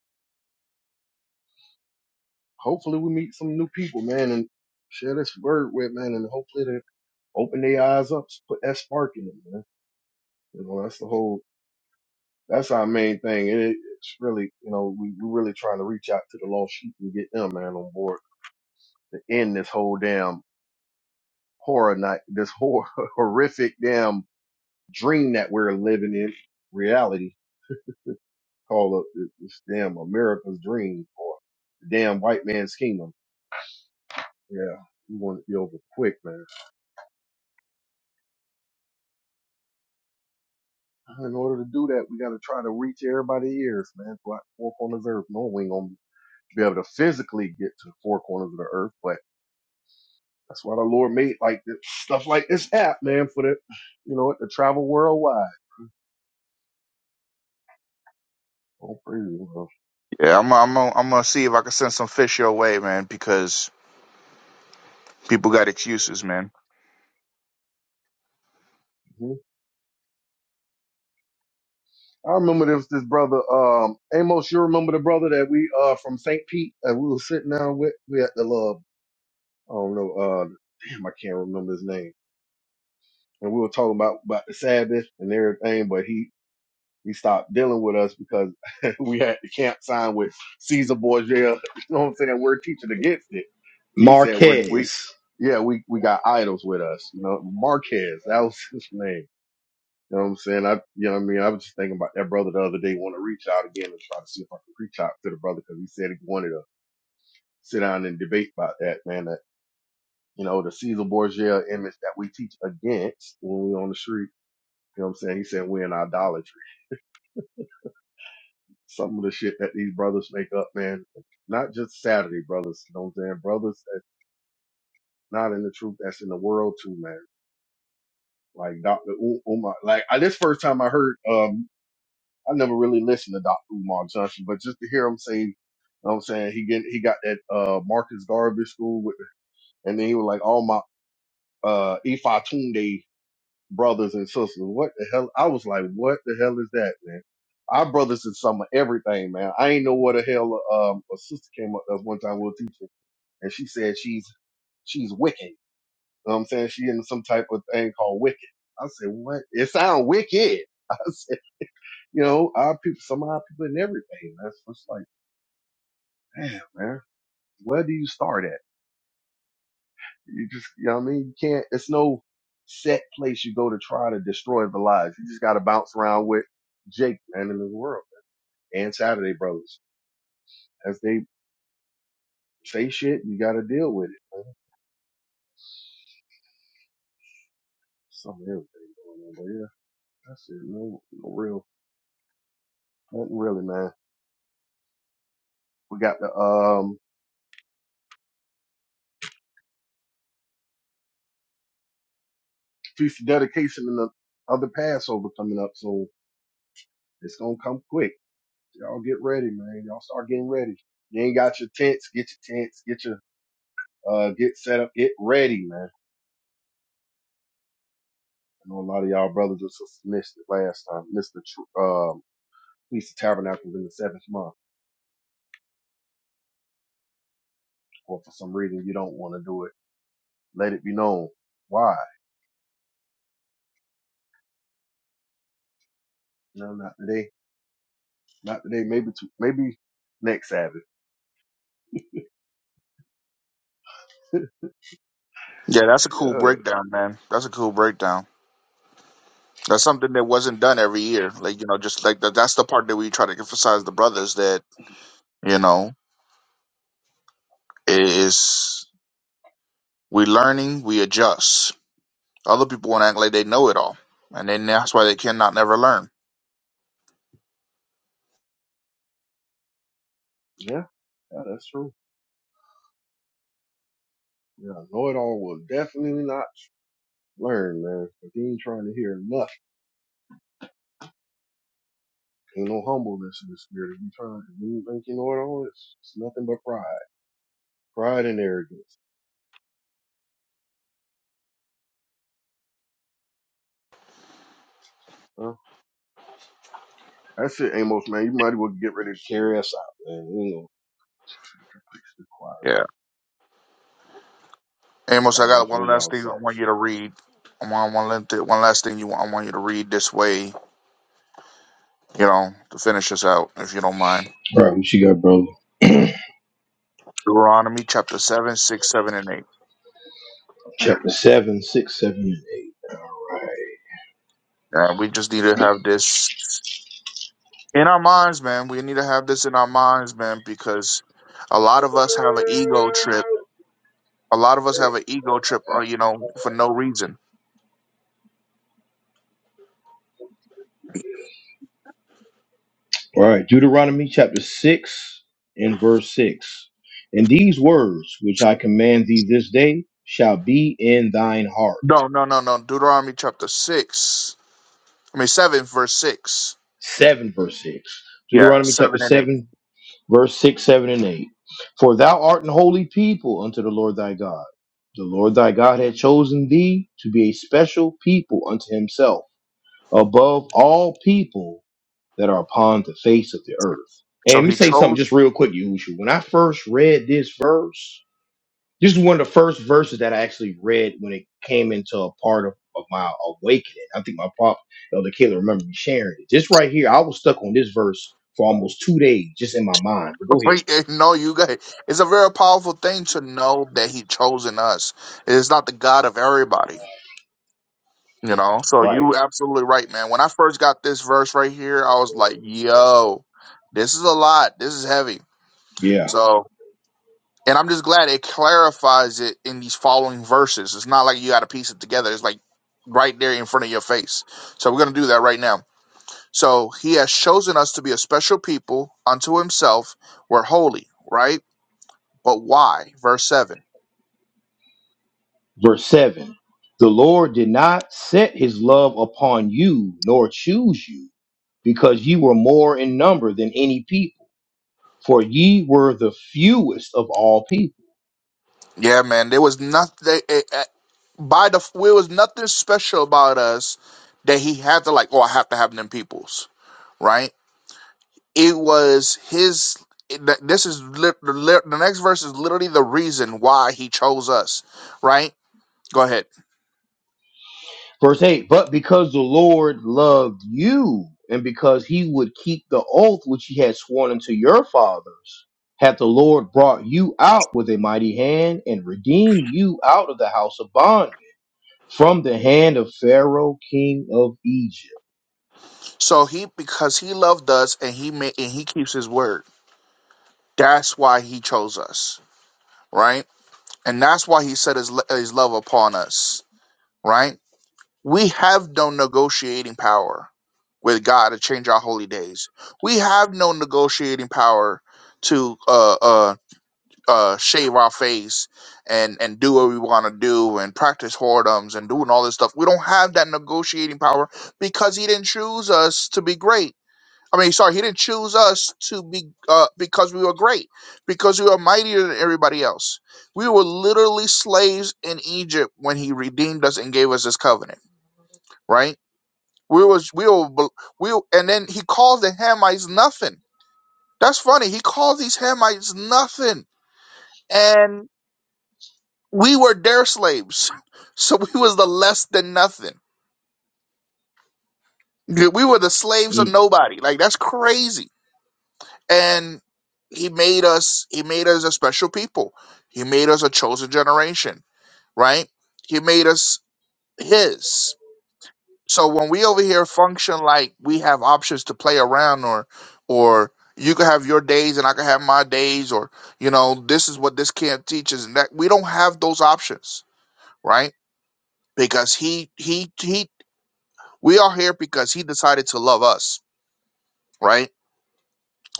C: Hopefully we meet some new people, man, and share this word with man and hopefully they open their eyes up, put that spark in them, man. You know, that's the whole that's our main thing. And it, it's really, you know, we, we're really trying to reach out to the lost sheep and get them, man, on board to end this whole damn horror night, this hor- horrific damn dream that we're living in reality called a, this damn America's dream or the damn white man's kingdom. Yeah, we want it to be over quick, man. In order to do that, we got to try to reach everybody's ears, man. Black fork on this earth. No, we ain't gonna be able to physically get to the four corners of the earth, but that's why the Lord made like this, stuff like this app, man, for the you know, to travel worldwide. Oh, praise the Lord.
B: yeah, I'm I'm I'm gonna see if I can send some fish your way, man, because people got excuses, man.
C: Mm-hmm. I remember this this brother um Amos. You remember the brother that we uh from St. Pete and we were sitting down with we at the little I don't know uh damn I can't remember his name and we were talking about about the Sabbath and everything, but he he stopped dealing with us because we had the camp sign with Caesar Borgia. You know what I'm saying? We're teaching against it. He said we're we
A: Marquez.
C: yeah we we got idols with us. You know Marquez that was his name You know what I'm saying? I, you know what I mean? I was just thinking about that brother the other day, want to reach out again and try to see if I can reach out to the brother because he said he wanted to sit down and debate about that, man. That, you know, the Caesar Borgia image that we teach against when we're on the street. You know what I'm saying? He said we're in idolatry. Some of the shit that these brothers make up, man, not just Saturday brothers, you know what I'm saying? Brothers that's not in the truth, that's in the world too, man. Like Dr. U- Umar, like I, this first time I heard, um, I never really listened to Dr. Umar Johnson, but just to hear him say, you know what I'm saying, he get he got that uh Marcus Garvey school with, and then he was like, all my uh Ifa Tunde brothers and sisters. What the hell? I was like, what the hell is that, man? Our brothers is some of everything, man. I ain't know what the hell um a sister came up to us one time with a teacher, and she said she's she's Wiccan. You know what I'm saying? She in some type of thing called Wicked. I said, what? It sound wicked. You know, odd people, some odd people in everything. That's what's like, damn, man, where do you start at? You just, you know what I mean? You can't, it's no set place you go to try to destroy the lives. You just got to bounce around with Jake and in the world and Saturday Brothers. As they say shit, you got to deal with it. Man. Some of everything going on, but yeah, that's it. No, no real, nothing really, man. We got the, um, feast of dedication and the other Passover coming up, so it's going to come quick. Y'all get ready, man. Y'all start getting ready. You ain't got your tents. Get your tents. Get your, uh, get set up. Get ready, man. I know a lot of y'all brothers and missed it last time. Missed the, tr- um, Feast of Tabernacles in the seventh month. Or for some reason you don't want to do it. Let it be known. Why? No, not today. Not today. Maybe, to, maybe next Sabbath.
B: Yeah, that's a cool
C: Yeah.
B: breakdown, man. That's a cool breakdown. That's something that wasn't done every year. Like, you know, just like that that's the part that we try to emphasize the brothers that, you know, is we learning, we adjust. Other people wanna act like they know it all. And then that's why they cannot never learn.
C: Yeah, yeah, that's true. Yeah, know it all will definitely not learn, man. If you ain't trying to hear nothing, ain't no humbleness in the spirit. If you trying, if you think you know it all, it's, it's nothing but pride, pride and arrogance. huh? That's it, Amos, man. You might as well get ready to carry us out, man. You know, fix the choir, bro.
B: Yeah. Amos, I
C: Y'all
B: got
C: enjoy
B: one last
C: y'all
B: thing I
C: Saturday.
B: want you to read. I want one, last- one last thing you want, I want you to read this way you know, to finish us out, if you don't mind.
A: All right, what you got, brother?
B: Deuteronomy chapter 7, 6, 7, and 8.
A: Chapter 7, 6, 7, and 8. All right.
B: Yeah, we just need to have this in our minds, man. We need to have this in our minds, man, because a lot of us have an ego trip. A lot of us have an ego trip, uh, you know, for no reason.
A: All right. Deuteronomy chapter 6 and verse 6. And these words which I command thee this day shall be in thine heart.
B: No, no, no, no. Deuteronomy chapter 6, I mean, 7, verse 6.
A: 7 verse 6.
B: Yeah,
A: Deuteronomy chapter
B: 7 and 8.
A: 7, verse 6, 7, and 8. For thou art an holy people unto the Lord thy God. The Lord thy God hath chosen thee to be a special people unto himself above all people that are upon the face of the earth. And
B: So
A: let me
B: he
A: say something
B: chose.
A: just real quick, Yahusha. When I first read this verse, this is one of the first verses that I actually read when it came into a part of, of my awakening. I think my pop, Elder Caleb, remember me sharing it. This right here, I was stuck on this verse for almost two days just in my mind. But go ahead.
B: Wait, eh, No, you guys. It's a very powerful thing to know that he chosen us. It is not the God of everybody You know, so
A: Right.
B: you absolutely right, man. When I first got this verse right here, I was like, yo, this is a lot. This is heavy.
A: Yeah.
B: So, and I'm just glad it clarifies it in these following verses. It's not like you got to piece it together. It's like right there in front of your face. So we're going to do that right now. So he has chosen us to be a special people unto himself. We're holy, right? But why? Verse 7.
A: Verse 7 The Lord did not set his love upon you nor choose you because you were more in number than any people for ye were the fewest of all people.
B: Yeah, man. There was nothing it, it- by the there was nothing special about us that he had to like. Oh, I have to have them peoples, right? It was his. it- th- This is lit- the lit- the next verse is literally the reason why he chose us, right? Go ahead.
A: Verse 8, but because the Lord loved you, and because he would keep the oath which he had sworn unto your fathers, hath the Lord brought you out with a mighty hand and redeemed you out of the house of bondage, from the hand of Pharaoh, king of Egypt.
B: So he because he loved us and he made and he keeps his word. That's why he chose us, right? And that's why he set his lo- his love upon us, right? We have no negotiating power with God to change our holy days. We have no negotiating power to uh, uh, uh, shave our face and and do what we want to do and practice whoredoms and doing all this stuff. We don't have that negotiating power because He didn't choose us to be great. I mean, sorry, He didn't choose us to be uh, because we were great, because we were mightier than everybody else. We were literally slaves in Egypt when He redeemed us and gave us His covenant, right? We was we will we will- and then he calls the Hamites nothing. That's funny. He calls these Hamites nothing, and we were their slaves, so we was the less than nothing. We were the slaves of
A: Mm.
B: nobody. Like that's crazy. And he made us. He made us a special people. He made us a chosen generation. Right. He made us his. So when we over here function like we have options to play around or or you can have your days and I can have my days or you know this is what this camp teaches and that we don't have those options, right? Because he he he we are here because he decided to love us, right?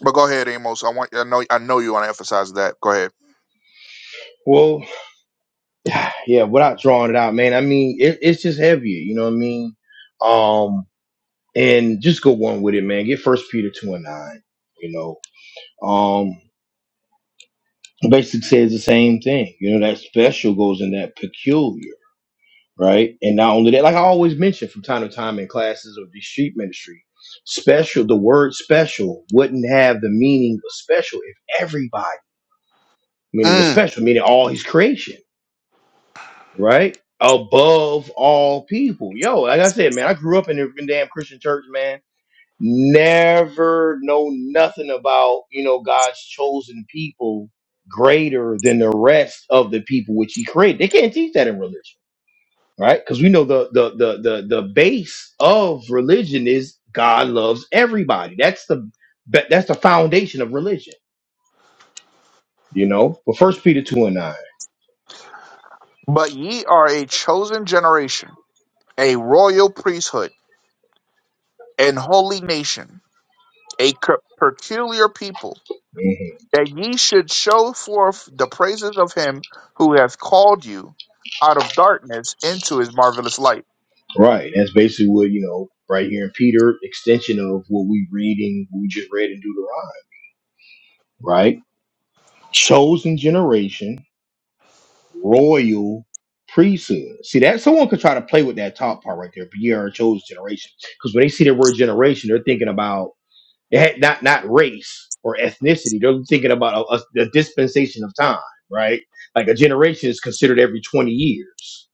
B: But go ahead, Amos. I want I know I know you want to emphasize that. Go ahead.
A: Well, yeah, without drawing it out, man, I mean, it, it's just heavier, you know what I mean? Um, and just go on with it, man. Get First Peter 2 and 9. You know, um basically says the same thing you know that special goes in that peculiar right and not only that like i always mention from time to time in classes of the street ministry special the word special wouldn't have the meaning of special if everybody i mean it was
B: Mm.
A: special meaning all his creation right above all people yo like i said man i grew up in a freaking damn christian church man never know nothing about you know God's chosen people greater than the rest of the people which He created. They can't teach that in religion, right? Because we know the the the the the base of religion is God loves everybody. That's the that- that's the foundation of religion, you know. But First Peter two and 9
B: But ye are a chosen generation, a royal priesthood, and holy nation, a c- peculiar people
A: Mhm.
B: that ye should show forth the praises of him who hath called you out of darkness into his marvelous light.
A: right? That's basically what you know right here in Peter, extension of what we reading, we just read in Deuteronomy, right? Chosen generation royal priesthood. See that someone could try to play with that top part right there, but you are a chosen generation. Because when they see the word generation, they're thinking about they had- not not race or ethnicity. They're thinking about a, a, a dispensation of time, right? Like a generation is considered every twenty years.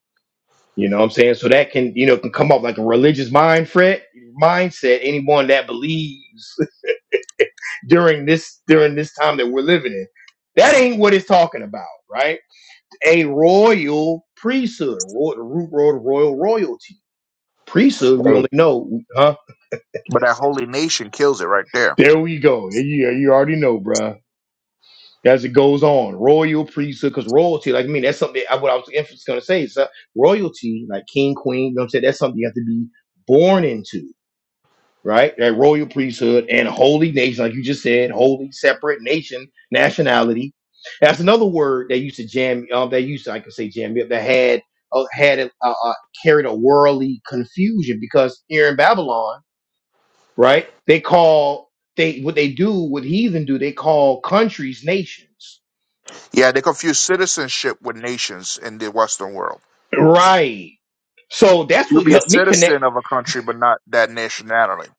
A: You know what I'm saying? So that can you know can come up like a religious mind fret mindset. Anyone that believes during this during this time that we're living in, that ain't what it's talking about, right? a royal priesthood, ro- the root word of royal royalty. Priesthood, we
B: Hey,
A: only know, huh?
B: but that holy nation kills it right there.
A: There we go. Yeah, you already know, bruh. As it goes on, royal priesthood, because royalty, like I mean, that's something. I, what I was gonna say is uh, royalty, like king, queen. You know what I'm saying? That's something you have to be born into. right? That royal priesthood and holy nation, like you just said, holy, separate nation, nationality. That's another word that used to jam. Uh, they used to, I could say, jam me up. That had uh, had a, uh, uh, carried a worldly confusion because here in Babylon, right? They call they what they do, what heathen do. They call countries nations,
B: Yeah, they confuse citizenship with nations in the Western world.
A: right? So that's
B: You could
A: what
B: be a
A: helped me connect
B: citizen of a country, but not that nationality.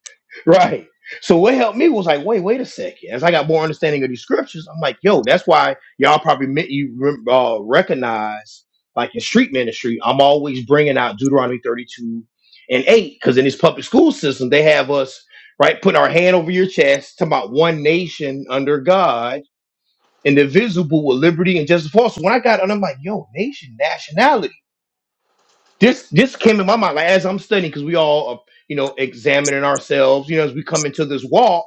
A: Right. So what helped me was like, wait, wait a second. As I got more understanding of these scriptures, I'm like, yo, that's why y'all probably meant you rem- uh, recognize like in street ministry. I'm always bringing out Deuteronomy 32 and 8 because in this public school system, they have us right putting our hand over your chest to about one nation under God, indivisible with liberty and justice for all. So when I got, and I'm like, yo, nation, nationality this this came in my mind like as I'm studying because we all are, you know examining ourselves you know as we come into this walk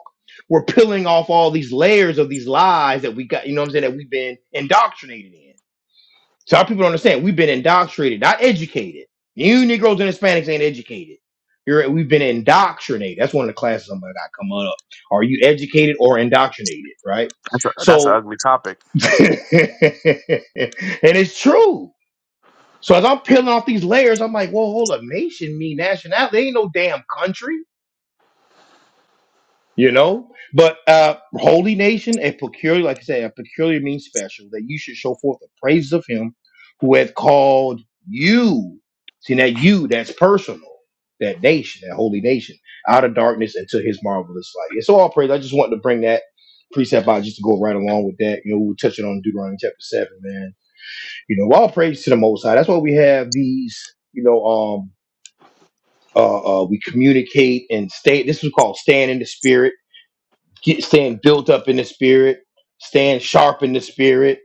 A: we're peeling off all these layers of these lies that we got you know what I'm saying that we've been indoctrinated in so our people don't understand we've been indoctrinated not educated you Negroes and Hispanics ain't educated you're we've been indoctrinated that's one of the classes I'm gonna got coming up are you educated or indoctrinated right
B: That's a, that's an
A: so
B: ugly topic.
A: and it's true so as I'm peeling off these layers, I'm like, well, hold up, nation mean nationality. They ain't no damn country, you know. But uh holy nation, a peculiar, like I said, a peculiar means special that you should show forth the praises of him who hath called you. See that you, that's personal. That nation, that holy nation, out of darkness into his marvelous light. It's all praise. I just wanted to bring that precept out just to go right along with that. You know, we were touching on Deuteronomy chapter seven, man. You know, all praise to the Most High. That's why we have these, you know, um uh, uh, we communicate and stay. This was called staying in the spirit, get staying built up in the spirit, staying sharp in the spirit,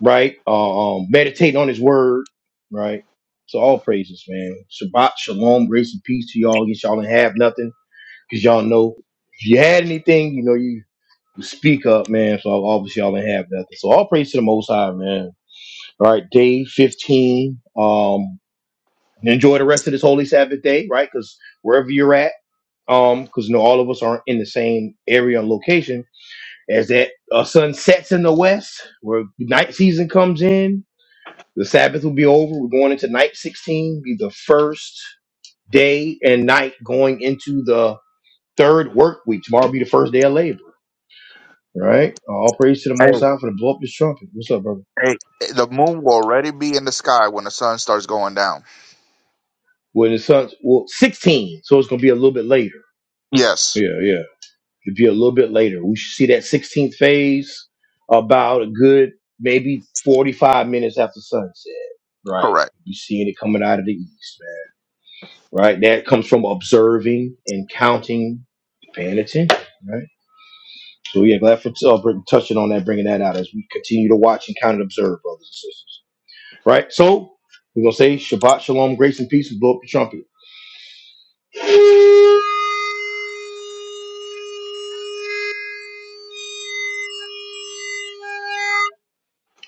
A: right? Uh, um, meditating on His word, right? So all praises, man. Shabbat shalom, grace and peace to y'all. Yes, y'all didn't have nothing because y'all know if you had anything, you know you, you speak up, man. So obviously y'all didn't have nothing. So all praise to the Most High, man. All right, day fifteen. Um, enjoy the rest of this holy Sabbath day, right? Because wherever you're at. um, because you know all of us aren't in the same area and location. As that uh, sun sets in the west, where night season comes in, the Sabbath will be over. We're going into night sixteen, be the first day and night going into the third work week. Tomorrow will be the first day of labor. Right? Uh, all praise to the Most
B: Hey,
A: High for the blow up this trumpet. What's up, brother?
B: hey, the moon will already be in the sky when the sun starts going down.
A: Well, the sun's well sixteen, so it's gonna be a little bit later.
B: Yes,
A: Yeah, yeah. It'd be a little bit later. We should see that 16th phase about a good maybe 45 minutes after sunset. Right.
B: correct.
A: You seeing it coming out of the east, man. Right. That comes from observing and counting, paying attention. Right. So yeah, glad for uh, br- touching on that, bringing that out as we continue to watch and count and observe, brothers and sisters. Right. So we're gonna say Shabbat Shalom, grace and peace, and blow up the trumpet.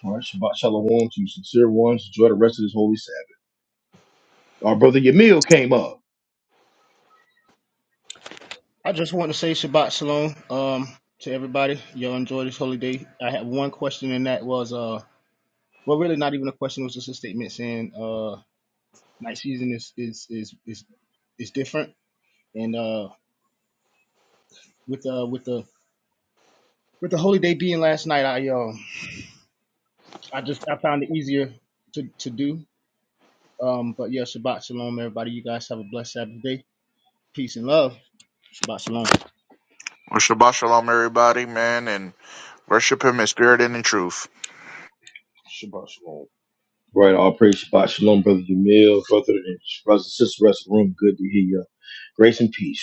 A: All right, Shabbat Shalom to you, sincere ones. Enjoy the rest of this holy Sabbath. Our brother Yamil came up.
D: I just want to say Shabbat Shalom um, to everybody. Y'all enjoy this holy day. I had one question, and that was, uh, well, really not even a question. It was just a statement saying uh, night season is is is is is different. And uh, with uh, with the with the holy day being last night, I uh, I just I found it easier to to do. Um, but yeah, Shabbat Shalom, everybody. You guys have a blessed Sabbath day. Peace and love. Shabbat Shalom.
B: Well, Shabbat shalom, everybody, man, and worship him in spirit and in truth.
C: Shabbat shalom.
A: Right, all praise Shabbat Shalom, brother Jamil, brother and brother Sister sisters, rest of the room. Good to hear you. Grace and peace.